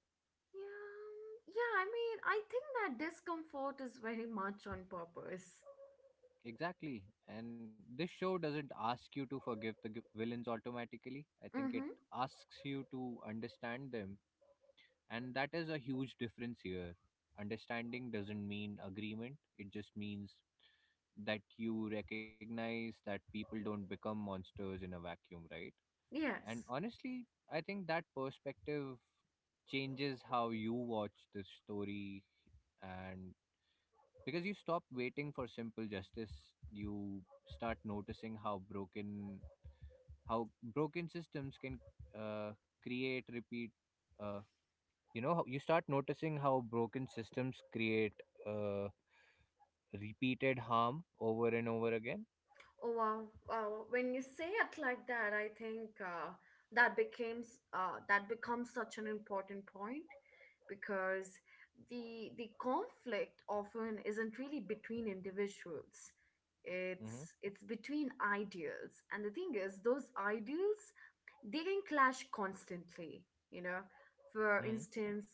S1: Yeah. Yeah, I mean, I think that discomfort is very much on purpose.
S2: Exactly. And this show doesn't ask you to forgive the villains automatically. I think it
S1: Mm-hmm.
S2: asks you to understand them. And that is a huge difference here. Understanding doesn't mean agreement, it just means that you recognize that people don't become monsters in a vacuum, right? And
S1: Yes.
S2: honestly, I think that perspective changes how you watch the story, and because you stop waiting for simple justice, you start noticing how broken systems can uh, create repeat uh, you know, you start noticing how broken systems create uh, repeated harm over and over again.
S1: Oh wow, wow. When you say it like that, I think that becomes such an important point because the conflict often isn't really between individuals.
S2: Mm-hmm.
S1: It's between ideals, and the thing is, those ideals, they can clash constantly. You know, for
S2: Mm-hmm.
S1: instance,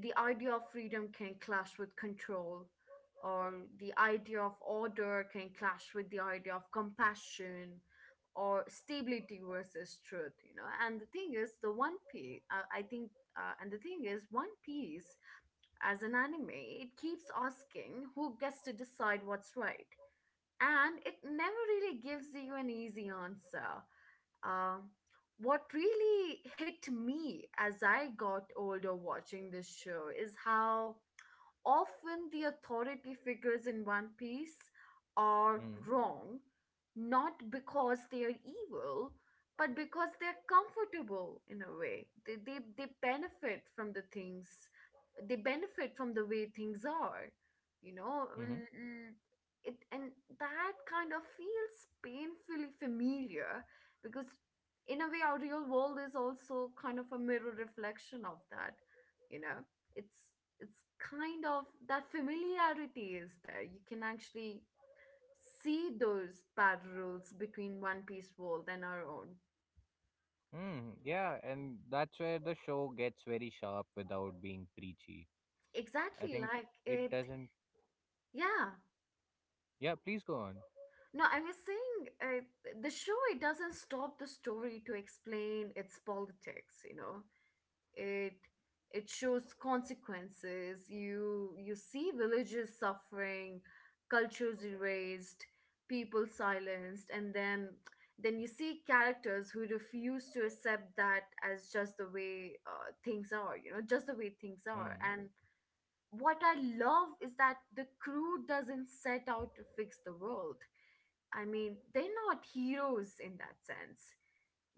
S1: the idea of freedom can clash with control, or the idea of order can clash with the idea of compassion, or stability versus truth. You know, and the thing is, the one piece I think and the thing is one piece as an anime, it keeps asking who gets to decide what's right, and it never really gives you an easy answer. um, what really hit me as I got older watching this show is how often the authority figures in One Piece are
S2: Mm-hmm.
S1: wrong, not because they are evil, but because they're comfortable in a way. They benefit from the things, they benefit from the way things are, you know?
S2: Mm-hmm.
S1: It, and that kind of feels painfully familiar because, in a way, our real world is also kind of a mirror reflection of that, you know. It's it's kind of, that familiarity is there. You can actually see those parallels between One Piece world and our own.
S2: Mm, yeah, and that's where the show gets very sharp without being preachy. I
S1: Exactly
S2: think
S1: like
S2: it
S1: it.
S2: doesn't
S1: Yeah.
S2: yeah please go on.
S1: No, I was saying the show, it doesn't stop the story to explain its politics, you know. it it shows consequences. You see villages suffering, cultures erased, people silenced, and then you see characters who refuse to accept that as just the way things are, you know, just the way things are
S2: Mm-hmm.
S1: and what I love is that the crew doesn't set out to fix the world. I mean, they're not heroes in that sense.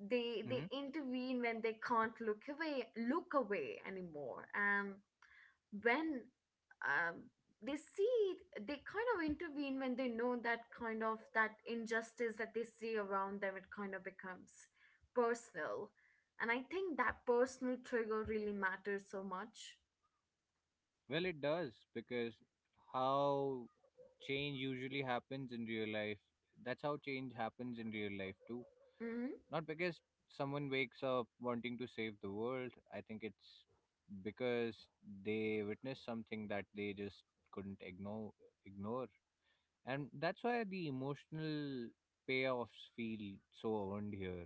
S1: they
S2: Hmm.
S1: they intervene when they can't look away anymore, and when um, they see it, they kind of intervene when they know that kind of, that injustice that they see around them, it kind of becomes personal. And I think that personal trigger really matters so much.
S2: Well, it does because how change usually happens in real life that's how change happens in real life too.
S1: Hmm.
S2: Not because someone wakes up wanting to save the world. I think it's because they witnessed something that they just couldn't ignore. And that's why the emotional payoffs feel so earned here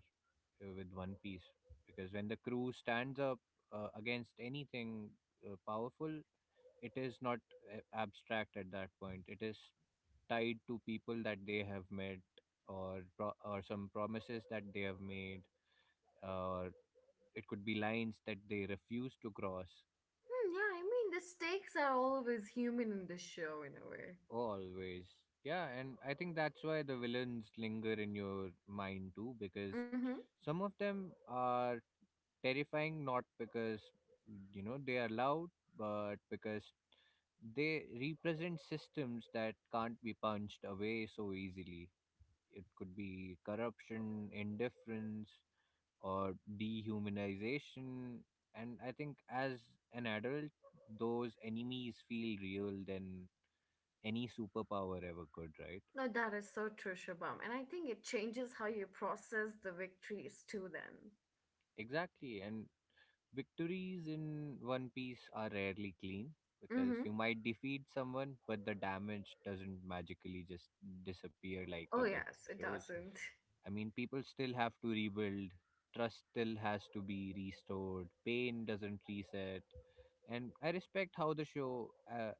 S2: with One Piece. Because when the crew stands up against anything powerful, it is not abstract at that point. It is tied to people that they have met or some promises that they have made, or it could be lines that they refuse to cross.
S1: Hmm, yeah, I mean the stakes are always human in this show, in a way.
S2: Always. Yeah, and I think that's why the villains linger in your mind too because
S1: Mm-hmm.
S2: some of them are terrifying not because, you know, they are loud, but because they represent systems that can't be punched away so easily. It could be corruption, indifference, or dehumanization. And I think as an adult, those enemies feel real than any superpower ever could, right?
S1: No, that is so true, Shubham. And I think it changes how you process the victories too, then.
S2: Exactly. And victories in One Piece are rarely clean because
S1: Mm-hmm.
S2: you might defeat someone, but the damage doesn't magically just disappear like
S1: Oh,
S2: other
S1: yes, it
S2: shows.
S1: doesn't.
S2: I mean, people still have to rebuild, trust still has to be restored, pain doesn't reset. And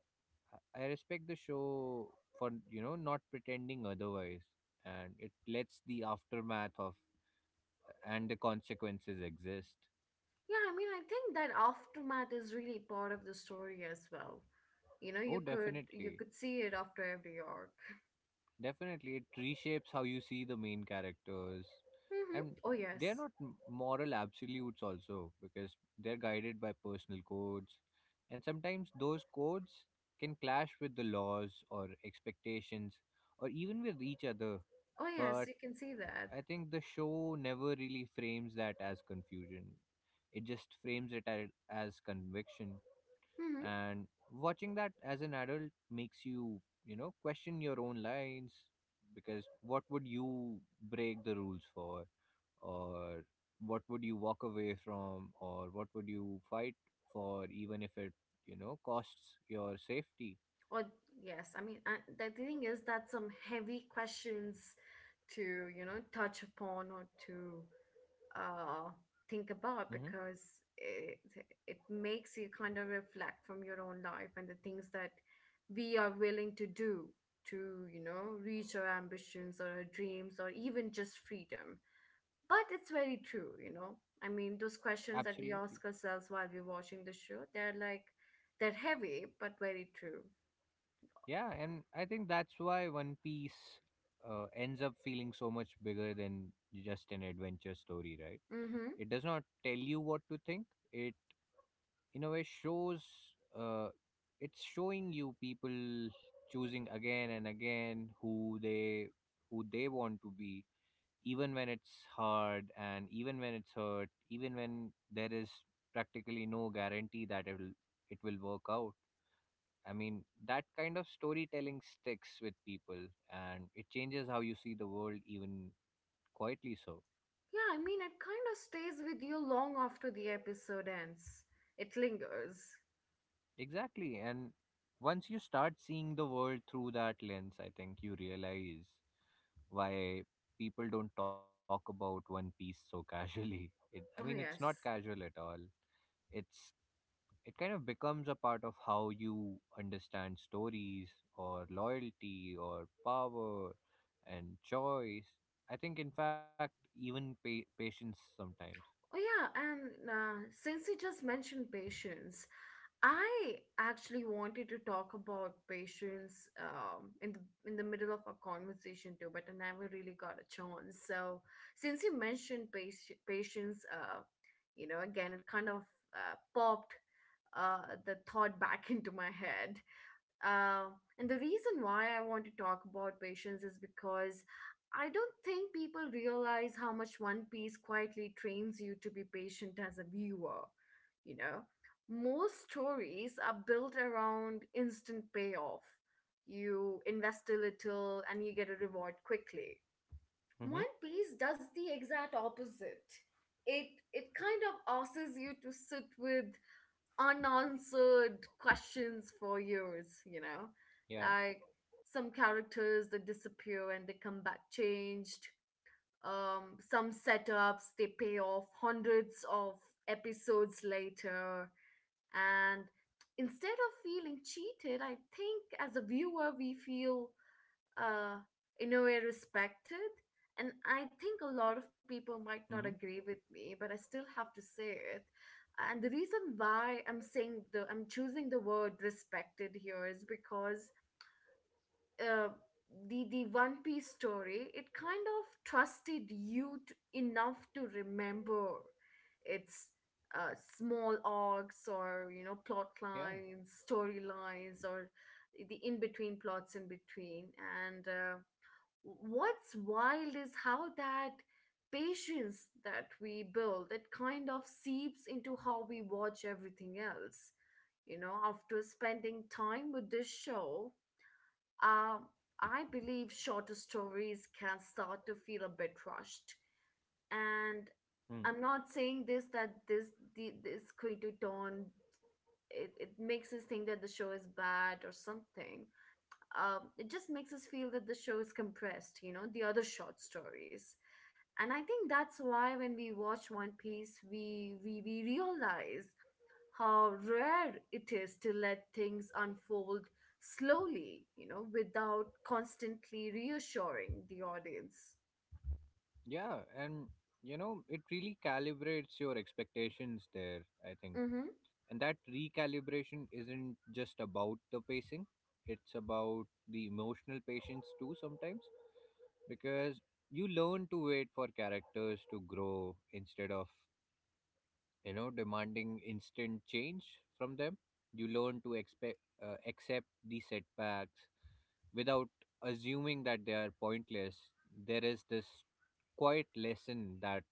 S2: I respect the show for, you know, not pretending otherwise, and it lets the aftermath of and the consequences exist.
S1: Yeah, I mean, I think that aftermath is really part of the story as well. You know,
S2: Oh,
S1: you could you
S2: definitely,
S1: could see it after every arc.
S2: definitely, it reshapes how you see the main characters,
S1: Mm-hmm.
S2: and
S1: Oh
S2: they're
S1: yes.
S2: not moral absolutes also because they're guided by personal codes, and sometimes those codes can clash with the laws or expectations or even with each other.
S1: Oh yes,
S2: But
S1: you can see that.
S2: I think the show never really frames that as confusion. It just frames it as conviction.
S1: Mm-hmm.
S2: And watching that as an adult makes you, you know, question your own lines, because what would you break the rules for? Or what would you walk away from? Or what would you fight for, even if it, you know, costs your safety?
S1: Or yes, I mean, I, the thing is that some heavy questions to, you know, touch upon or to uh, think about,
S2: Hmm.
S1: because it makes you kind of reflect from your own life and the things that we are willing to do to, you know, reach our ambitions or our dreams or even just freedom. But it's very true, you know. I mean, those questions that we
S2: Absolutely.
S1: ask ourselves while we're watching the show, they're like, they're heavy but very true.
S2: Yeah, and I think that's why One Piece ends up feeling so much bigger than just an adventure story, right?
S1: Mm-hmm.
S2: It does not tell you what to think. It, in a way, shows. Uh, it's showing you people choosing again and again who they want to be, even when it's hard and even when it's hurt, even when there is practically no guarantee that it will work out. I mean, that kind of storytelling sticks with people, and it changes how you see the world, even quietly so.
S1: Yeah, I mean, it kind of stays with you long after the episode ends. It lingers.
S2: Exactly. And once you start seeing the world through that lens, I think you realize why people don't talk about One Piece so casually. It, I mean,
S1: Oh
S2: it's not
S1: yes.
S2: casual at all, it's it kind of becomes a part of how you understand stories or loyalty or power and choice. I think, in fact, even patience sometimes.
S1: Oh yeah, and since you just mentioned patience, I actually wanted to talk about patience in the middle of our conversation too, but I never really got a chance. So since you mentioned patience, you know, again, it kind of popped the thought back into my head. Uh, and the reason why I want to talk about patience is because I don't think people realize how much One Piece quietly trains you to be patient as a viewer. You know, most stories are built around instant payoff. You invest a little and you get a reward quickly.
S2: Mm-hmm.
S1: One Piece does the exact opposite. It it kind of asks you to sit with unanswered questions for years, you know?
S2: Yeah.
S1: Like some characters that disappear and they come back changed. Some setups, they pay off hundreds of episodes later. And instead of feeling cheated, I think as a viewer, we feel uh, in a way respected. And I think a lot of people might not
S2: Mm-hmm.
S1: agree with me, but I still have to say it. And the reason why I'm saying the I'm choosing the word respected here is because uh, the One Piece story, it kind of trusted you to, enough to remember its small arcs or, you know, plot
S2: Yeah.
S1: lines, storylines, or the in between plots in between. And. What's wild is how that patience that we build, it kind of seeps into how we watch everything else. You know, after spending time with this show, uh, I believe shorter stories can start to feel a bit rushed. And
S2: Mm.
S1: I'm not saying this that this the, this going to turn, it makes us think that the show is bad or something. It just makes us feel that the show is compressed, you know, the other short stories. And I think that's why when we watch One Piece, we realize how rare it is to let things unfold slowly, you know, without constantly reassuring the audience.
S2: Yeah. And, you know, it really calibrates your expectations there, I think.
S1: Mm hmm.
S2: And that recalibration isn't just about the pacing, it's about the emotional patience too sometimes, because you learn to wait for characters to grow instead of, you know, demanding instant change from them. You learn to accept the setbacks without assuming that they are pointless. There is this quiet lesson that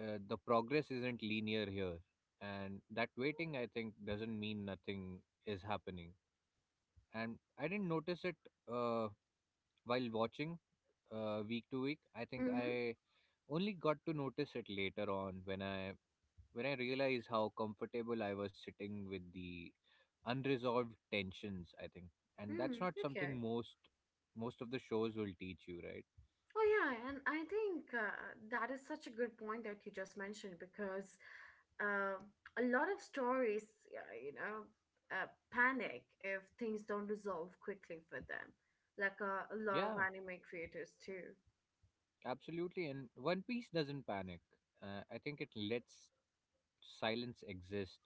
S2: the progress isn't linear here, and that waiting, I think, doesn't mean nothing is happening. And I didn't notice it uh, while watching week to week. I
S1: Mm
S2: think I
S1: hmm.
S2: only got to notice it later on when I realized how comfortable I was sitting with the unresolved tensions, I think. And that's
S1: Mm
S2: not something
S1: hmm.
S2: most of the shows will teach you, right?
S1: Oh, yeah, and I think that is such a good point that you just mentioned because uh, a lot of stories, uh, you know, uh, panic if things don't resolve quickly for them, like a lot of
S2: Yeah,
S1: anime creators too.
S2: absolutely, and One Piece doesn't panic. I think it lets silence exists,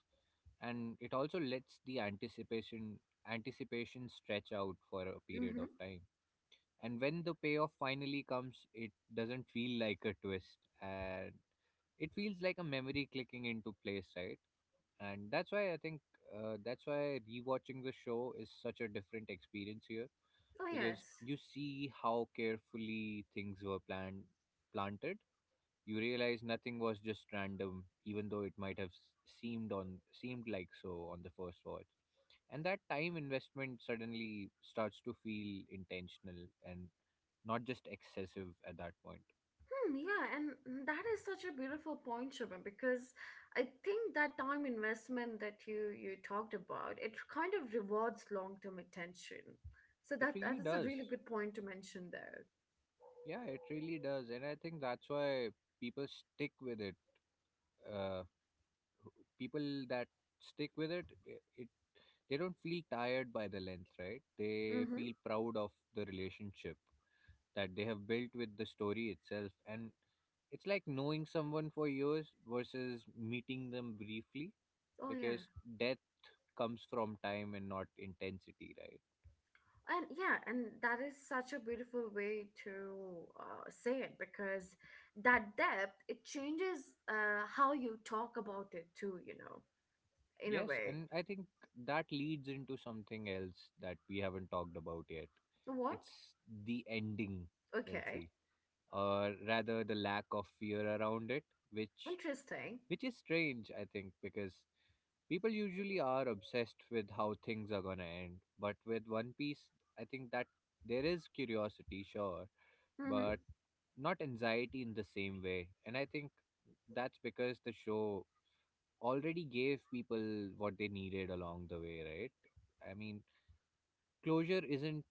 S2: and it also lets the anticipation stretch out for a period
S1: Mm-hmm.
S2: of time. And when the payoff finally comes, it doesn't feel like a twist, and it feels like a memory clicking into place, right? And that's why I think that's why rewatching the show is such a different experience here,
S1: Oh,
S2: because
S1: yes.
S2: you see how carefully things were planned planted. You realize nothing was just random, even though it might have seemed like so on the first watch. And that time investment suddenly starts to feel intentional, and not just excessive at that point.
S1: Hmm, yeah, and that is such a beautiful point, Shubham, because I think that time investment that you talked about, it kind of rewards long-term attention. So
S2: It
S1: that
S2: really
S1: is a
S2: does.
S1: really good point to mention there.
S2: Yeah, it really does. And I think that's why people stick with it. Uh, People that stick with it, they don't feel tired by the length, right? They
S1: Mm-hmm.
S2: feel proud of the relationship that they have built with the story itself. And it's like knowing someone for years versus meeting them briefly,
S1: Oh yeah.
S2: because death comes from time and not intensity, right?
S1: And yeah, and that is such a beautiful way to say it because that depth it changes how you talk about it too, you know, in a
S2: Yes,
S1: way.
S2: and I think that leads into something else that we haven't talked about yet.
S1: What?
S2: It's the ending,
S1: Okay.
S2: Chelsea, or rather the lack of fear around it, which
S1: Interesting.
S2: which is strange, I think, because people usually are obsessed with how things are gonna end, but with One Piece, I think that there is curiosity, sure,
S1: Mm-hmm.
S2: but not anxiety in the same way. And I think that's because the show already gave people what they needed along the way, right? I mean, closure isn't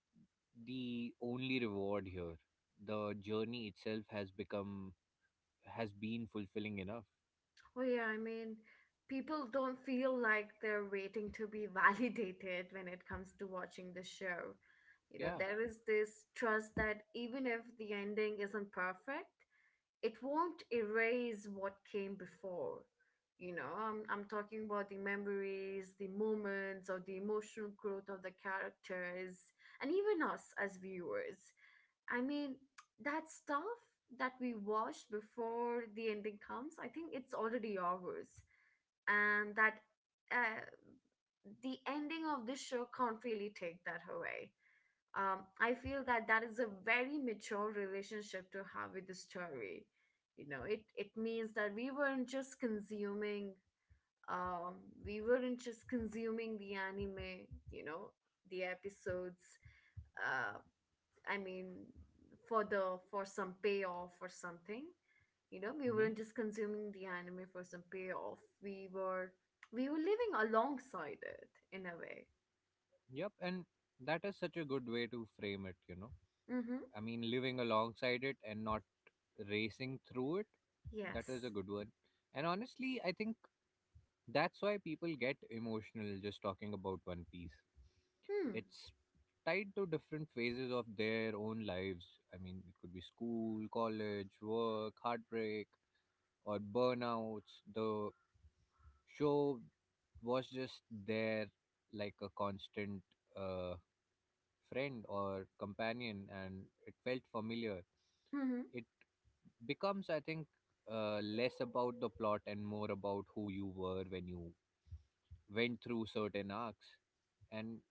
S2: the only reward here. The journey itself has been fulfilling enough.
S1: Oh yeah, I mean, people don't feel like they're waiting to be validated when it comes to watching the show. You know,
S2: Yeah.
S1: there is this trust that even if the ending isn't perfect, it won't erase what came before. You know, I'm talking about the memories, the moments, or the emotional growth of the characters, and even us as viewers. I mean, that stuff that we watched before the ending comes, I think it's already ours. And that uh, the ending of this show can't really take that away. I feel that that is a very mature relationship to have with the story. You know, it means that we weren't just consuming, um, we weren't just consuming the anime. You know, the episodes. Uh, I mean, for some payoff or something. You know, we
S2: Hmm.
S1: weren't just consuming the anime for some payoff. We were living alongside it in a way.
S2: Yep. And that is such a good way to frame it.
S1: Mm-hmm.
S2: I mean, living alongside it and not racing through it. That is
S1: Yes.
S2: a good one. And honestly, I think that's why people get emotional just talking about One Piece.
S1: Hmm.
S2: It's tied to different phases of their own lives. I mean, it could be school, college, work, heartbreak, or burnouts. The show was just there like a constant uh, friend or companion, and it felt familiar. It becomes, I think, less about the plot and more about who you were when you went through certain arcs, and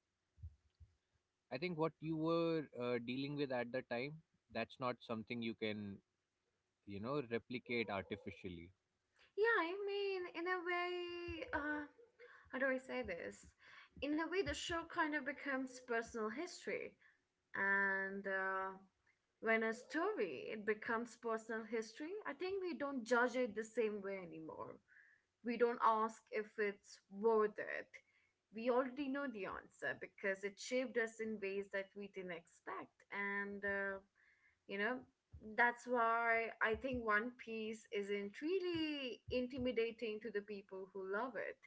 S2: I think what you were dealing with at the time. That's not something you can replicate artificially.
S1: Yeah, I mean, in a way, how do I say this? In a way, the show kind of becomes personal history. And when a story it becomes personal history, I think we don't judge it the same way anymore. We don't ask if it's worth it. We already know the answer because it shaped us in ways that we didn't expect. And you know that's why I think One Piece isn't really intimidating to the people who love it.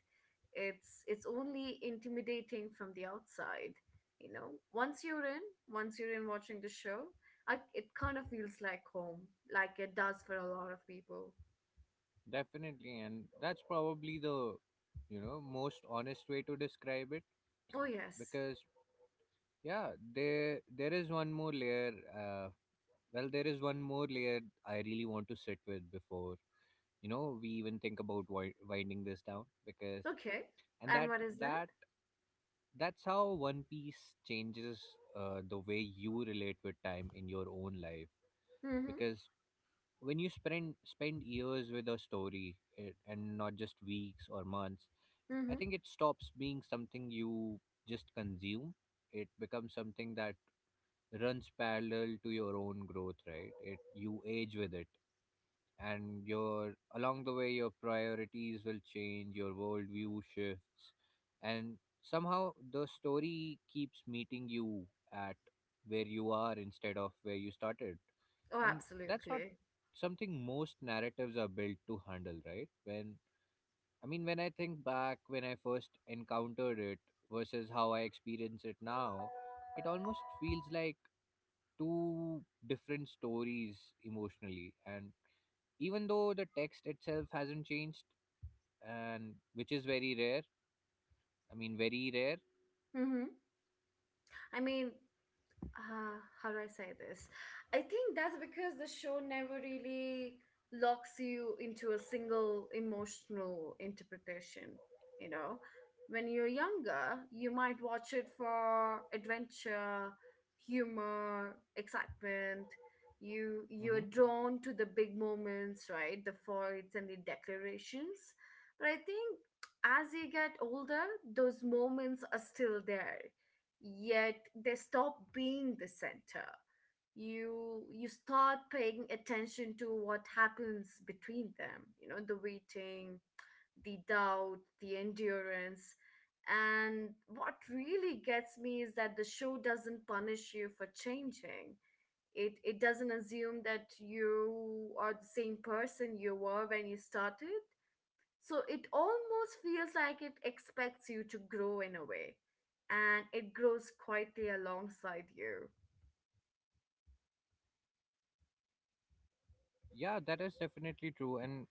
S1: It's only intimidating from the outside. You know, once you're in, once you're in watching the show, it kind of feels like home, like it does for a lot of people.
S2: Definitely, and that's probably the most honest way to describe it,
S1: Oh yes.
S2: because yeah, there is one more layer. There is one more layer I really want to sit with before we even think about winding this down, because
S1: Okay.
S2: and
S1: And
S2: that
S1: what is that?
S2: that that's how One Piece changes the way you relate with time in your own life.
S1: Mm-hmm.
S2: Because when you spend years with a story, and not just weeks or months, I
S1: Mm-hmm.
S2: think it stops being something you just consume. It becomes something that runs parallel to your own growth, right? It, you age with it, and your along the way your priorities will change, your worldview shifts, and somehow the story keeps meeting you at where you are instead of where you started.
S1: Oh
S2: And that's not
S1: absolutely.
S2: something most narratives are built to handle, right? When, I mean, when I think back, when I first encountered it versus how I experience it now, it almost feels like two different stories emotionally, and even though the text itself hasn't changed. And which is very rare, I mean, very rare.
S1: Mm-hmm. I mean, how do I say this? I think that's because the show never really locks you into a single emotional interpretation. You know, when you're younger, you might watch it for adventure, humor, excitement. You're
S2: Hmm.
S1: drawn to the big moments, right? The fights and the declarations. But I think as you get older, those moments are still there, yet they stop being the center. You start paying attention to what happens between them, you know, the waiting, the doubt, the endurance. And what really gets me is that the show doesn't punish you for changing. It doesn't assume that you are the same person you were when you started, so it almost feels like it expects you to grow in a way, and it grows quietly alongside you.
S2: Yeah, that is definitely true. And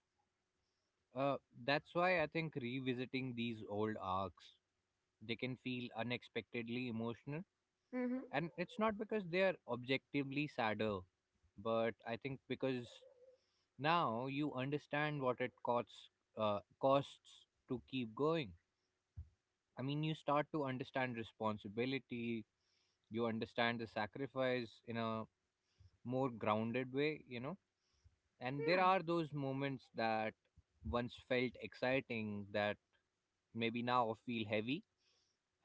S2: uh, that's why I think revisiting these old arcs, they can feel unexpectedly emotional,
S1: Mm-hmm.
S2: and it's not because they are objectively sadder, but I think because now you understand what it costs to keep going. I mean, you start to understand responsibility, you understand the sacrifice in a more grounded way, you know. And there
S1: Yeah,
S2: are those moments that once felt exciting that maybe now feel heavy,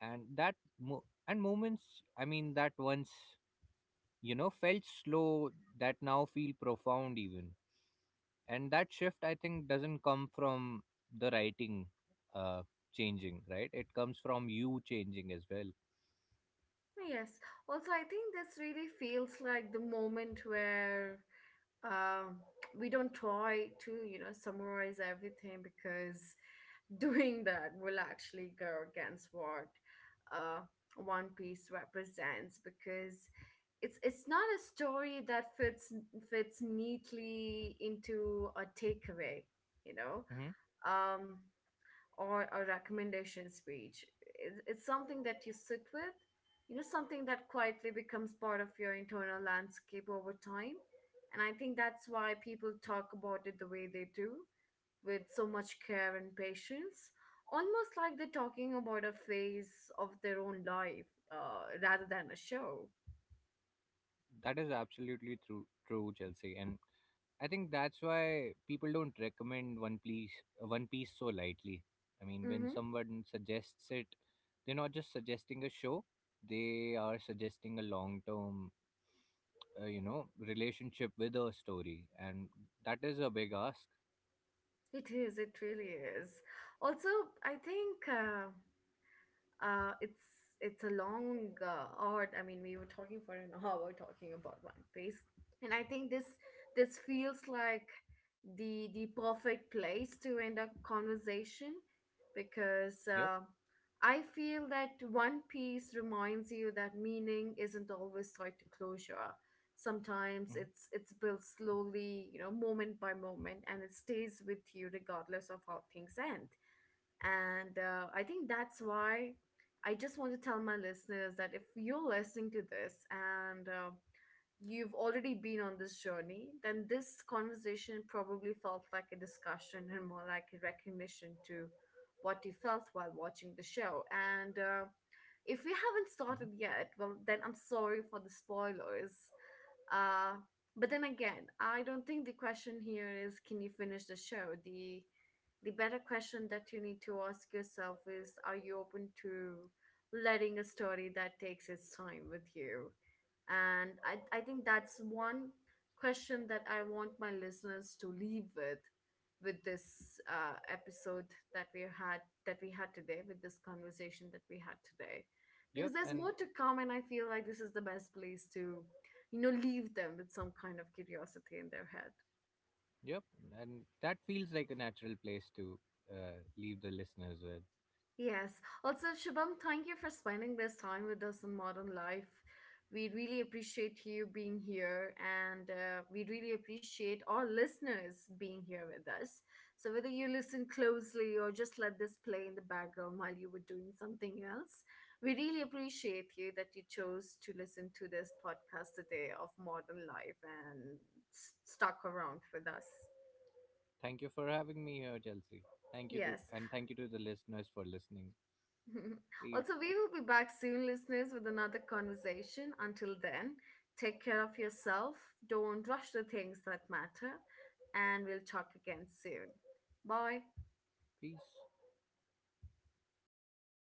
S2: and moments, I mean, that once felt slow that now feel profound even. And that shift, I think, doesn't come from the writing uh, changing, right? It comes from you changing as well.
S1: yes. Also, I think this really feels like the moment where um, we don't try to, you know, summarize everything because doing that will actually go against what uh, One Piece represents because it's not a story that fits neatly into a takeaway, you know,
S2: Mm-hmm.
S1: um, or a recommendation speech. It's something that you sit with, you know, something that quietly becomes part of your internal landscape over time. And I think that's why people talk about it the way they do with so much care and patience, almost like they're talking about a phase of their own life rather than a show.
S2: That is absolutely true, Chelsea, and I think that's why people don't recommend One Piece so lightly. I mean, when
S1: Mm-hmm.
S2: someone suggests it, they're not just suggesting a show; they are suggesting a long-term, relationship with a story, and that is a big ask.
S1: It is, it really is. Also, I think. It's it's a long art. I mean, we were talking for an hour talking about One Piece, and I think this feels like the perfect place to end a conversation because
S2: Yep.
S1: I feel that One Piece reminds you that meaning isn't always tied to closure. Sometimes
S2: Hmm.
S1: it's built slowly, you know, moment by moment, and it stays with you regardless of how things end. And I think that's why I just want to tell my listeners that if you're listening to this and you've already been on this journey, then this conversation probably felt like a discussion and more like a recognition to what you felt while watching the show. And if we haven't
S2: Hmm.
S1: started yet, well, then I'm sorry for the spoilers. Uh, but then again, I don't think the question here is can you finish the show? The better question that you need to ask yourself is are you open to letting a story that takes its time with you? And I think that's one question that I want my listeners to leave with this episode that we had today with this conversation that we had today
S2: Yep.
S1: because there's
S2: and
S1: more to come and I feel like this is the best place to you know leave them with some kind of curiosity in their head.
S2: yep, and that feels like a natural place to leave the listeners with.
S1: Yes. Also, Shubham, thank you for spending this time with us on Modern Life. We really appreciate you being here, and we really appreciate our listeners being here with us. So, whether you listen closely or just let this play in the background while you were doing something else, we really appreciate you that you chose to listen to this podcast today of Modern Life and stuck around with us.
S2: Thank you for having me here, Chelsea.
S1: Yes.
S2: Thank you to the listeners for listening. See you.
S1: also, we will be back soon, listeners, with another conversation. Until then, take care of yourself. Don't rush the things that matter. And we'll talk again soon. Bye.
S2: Peace.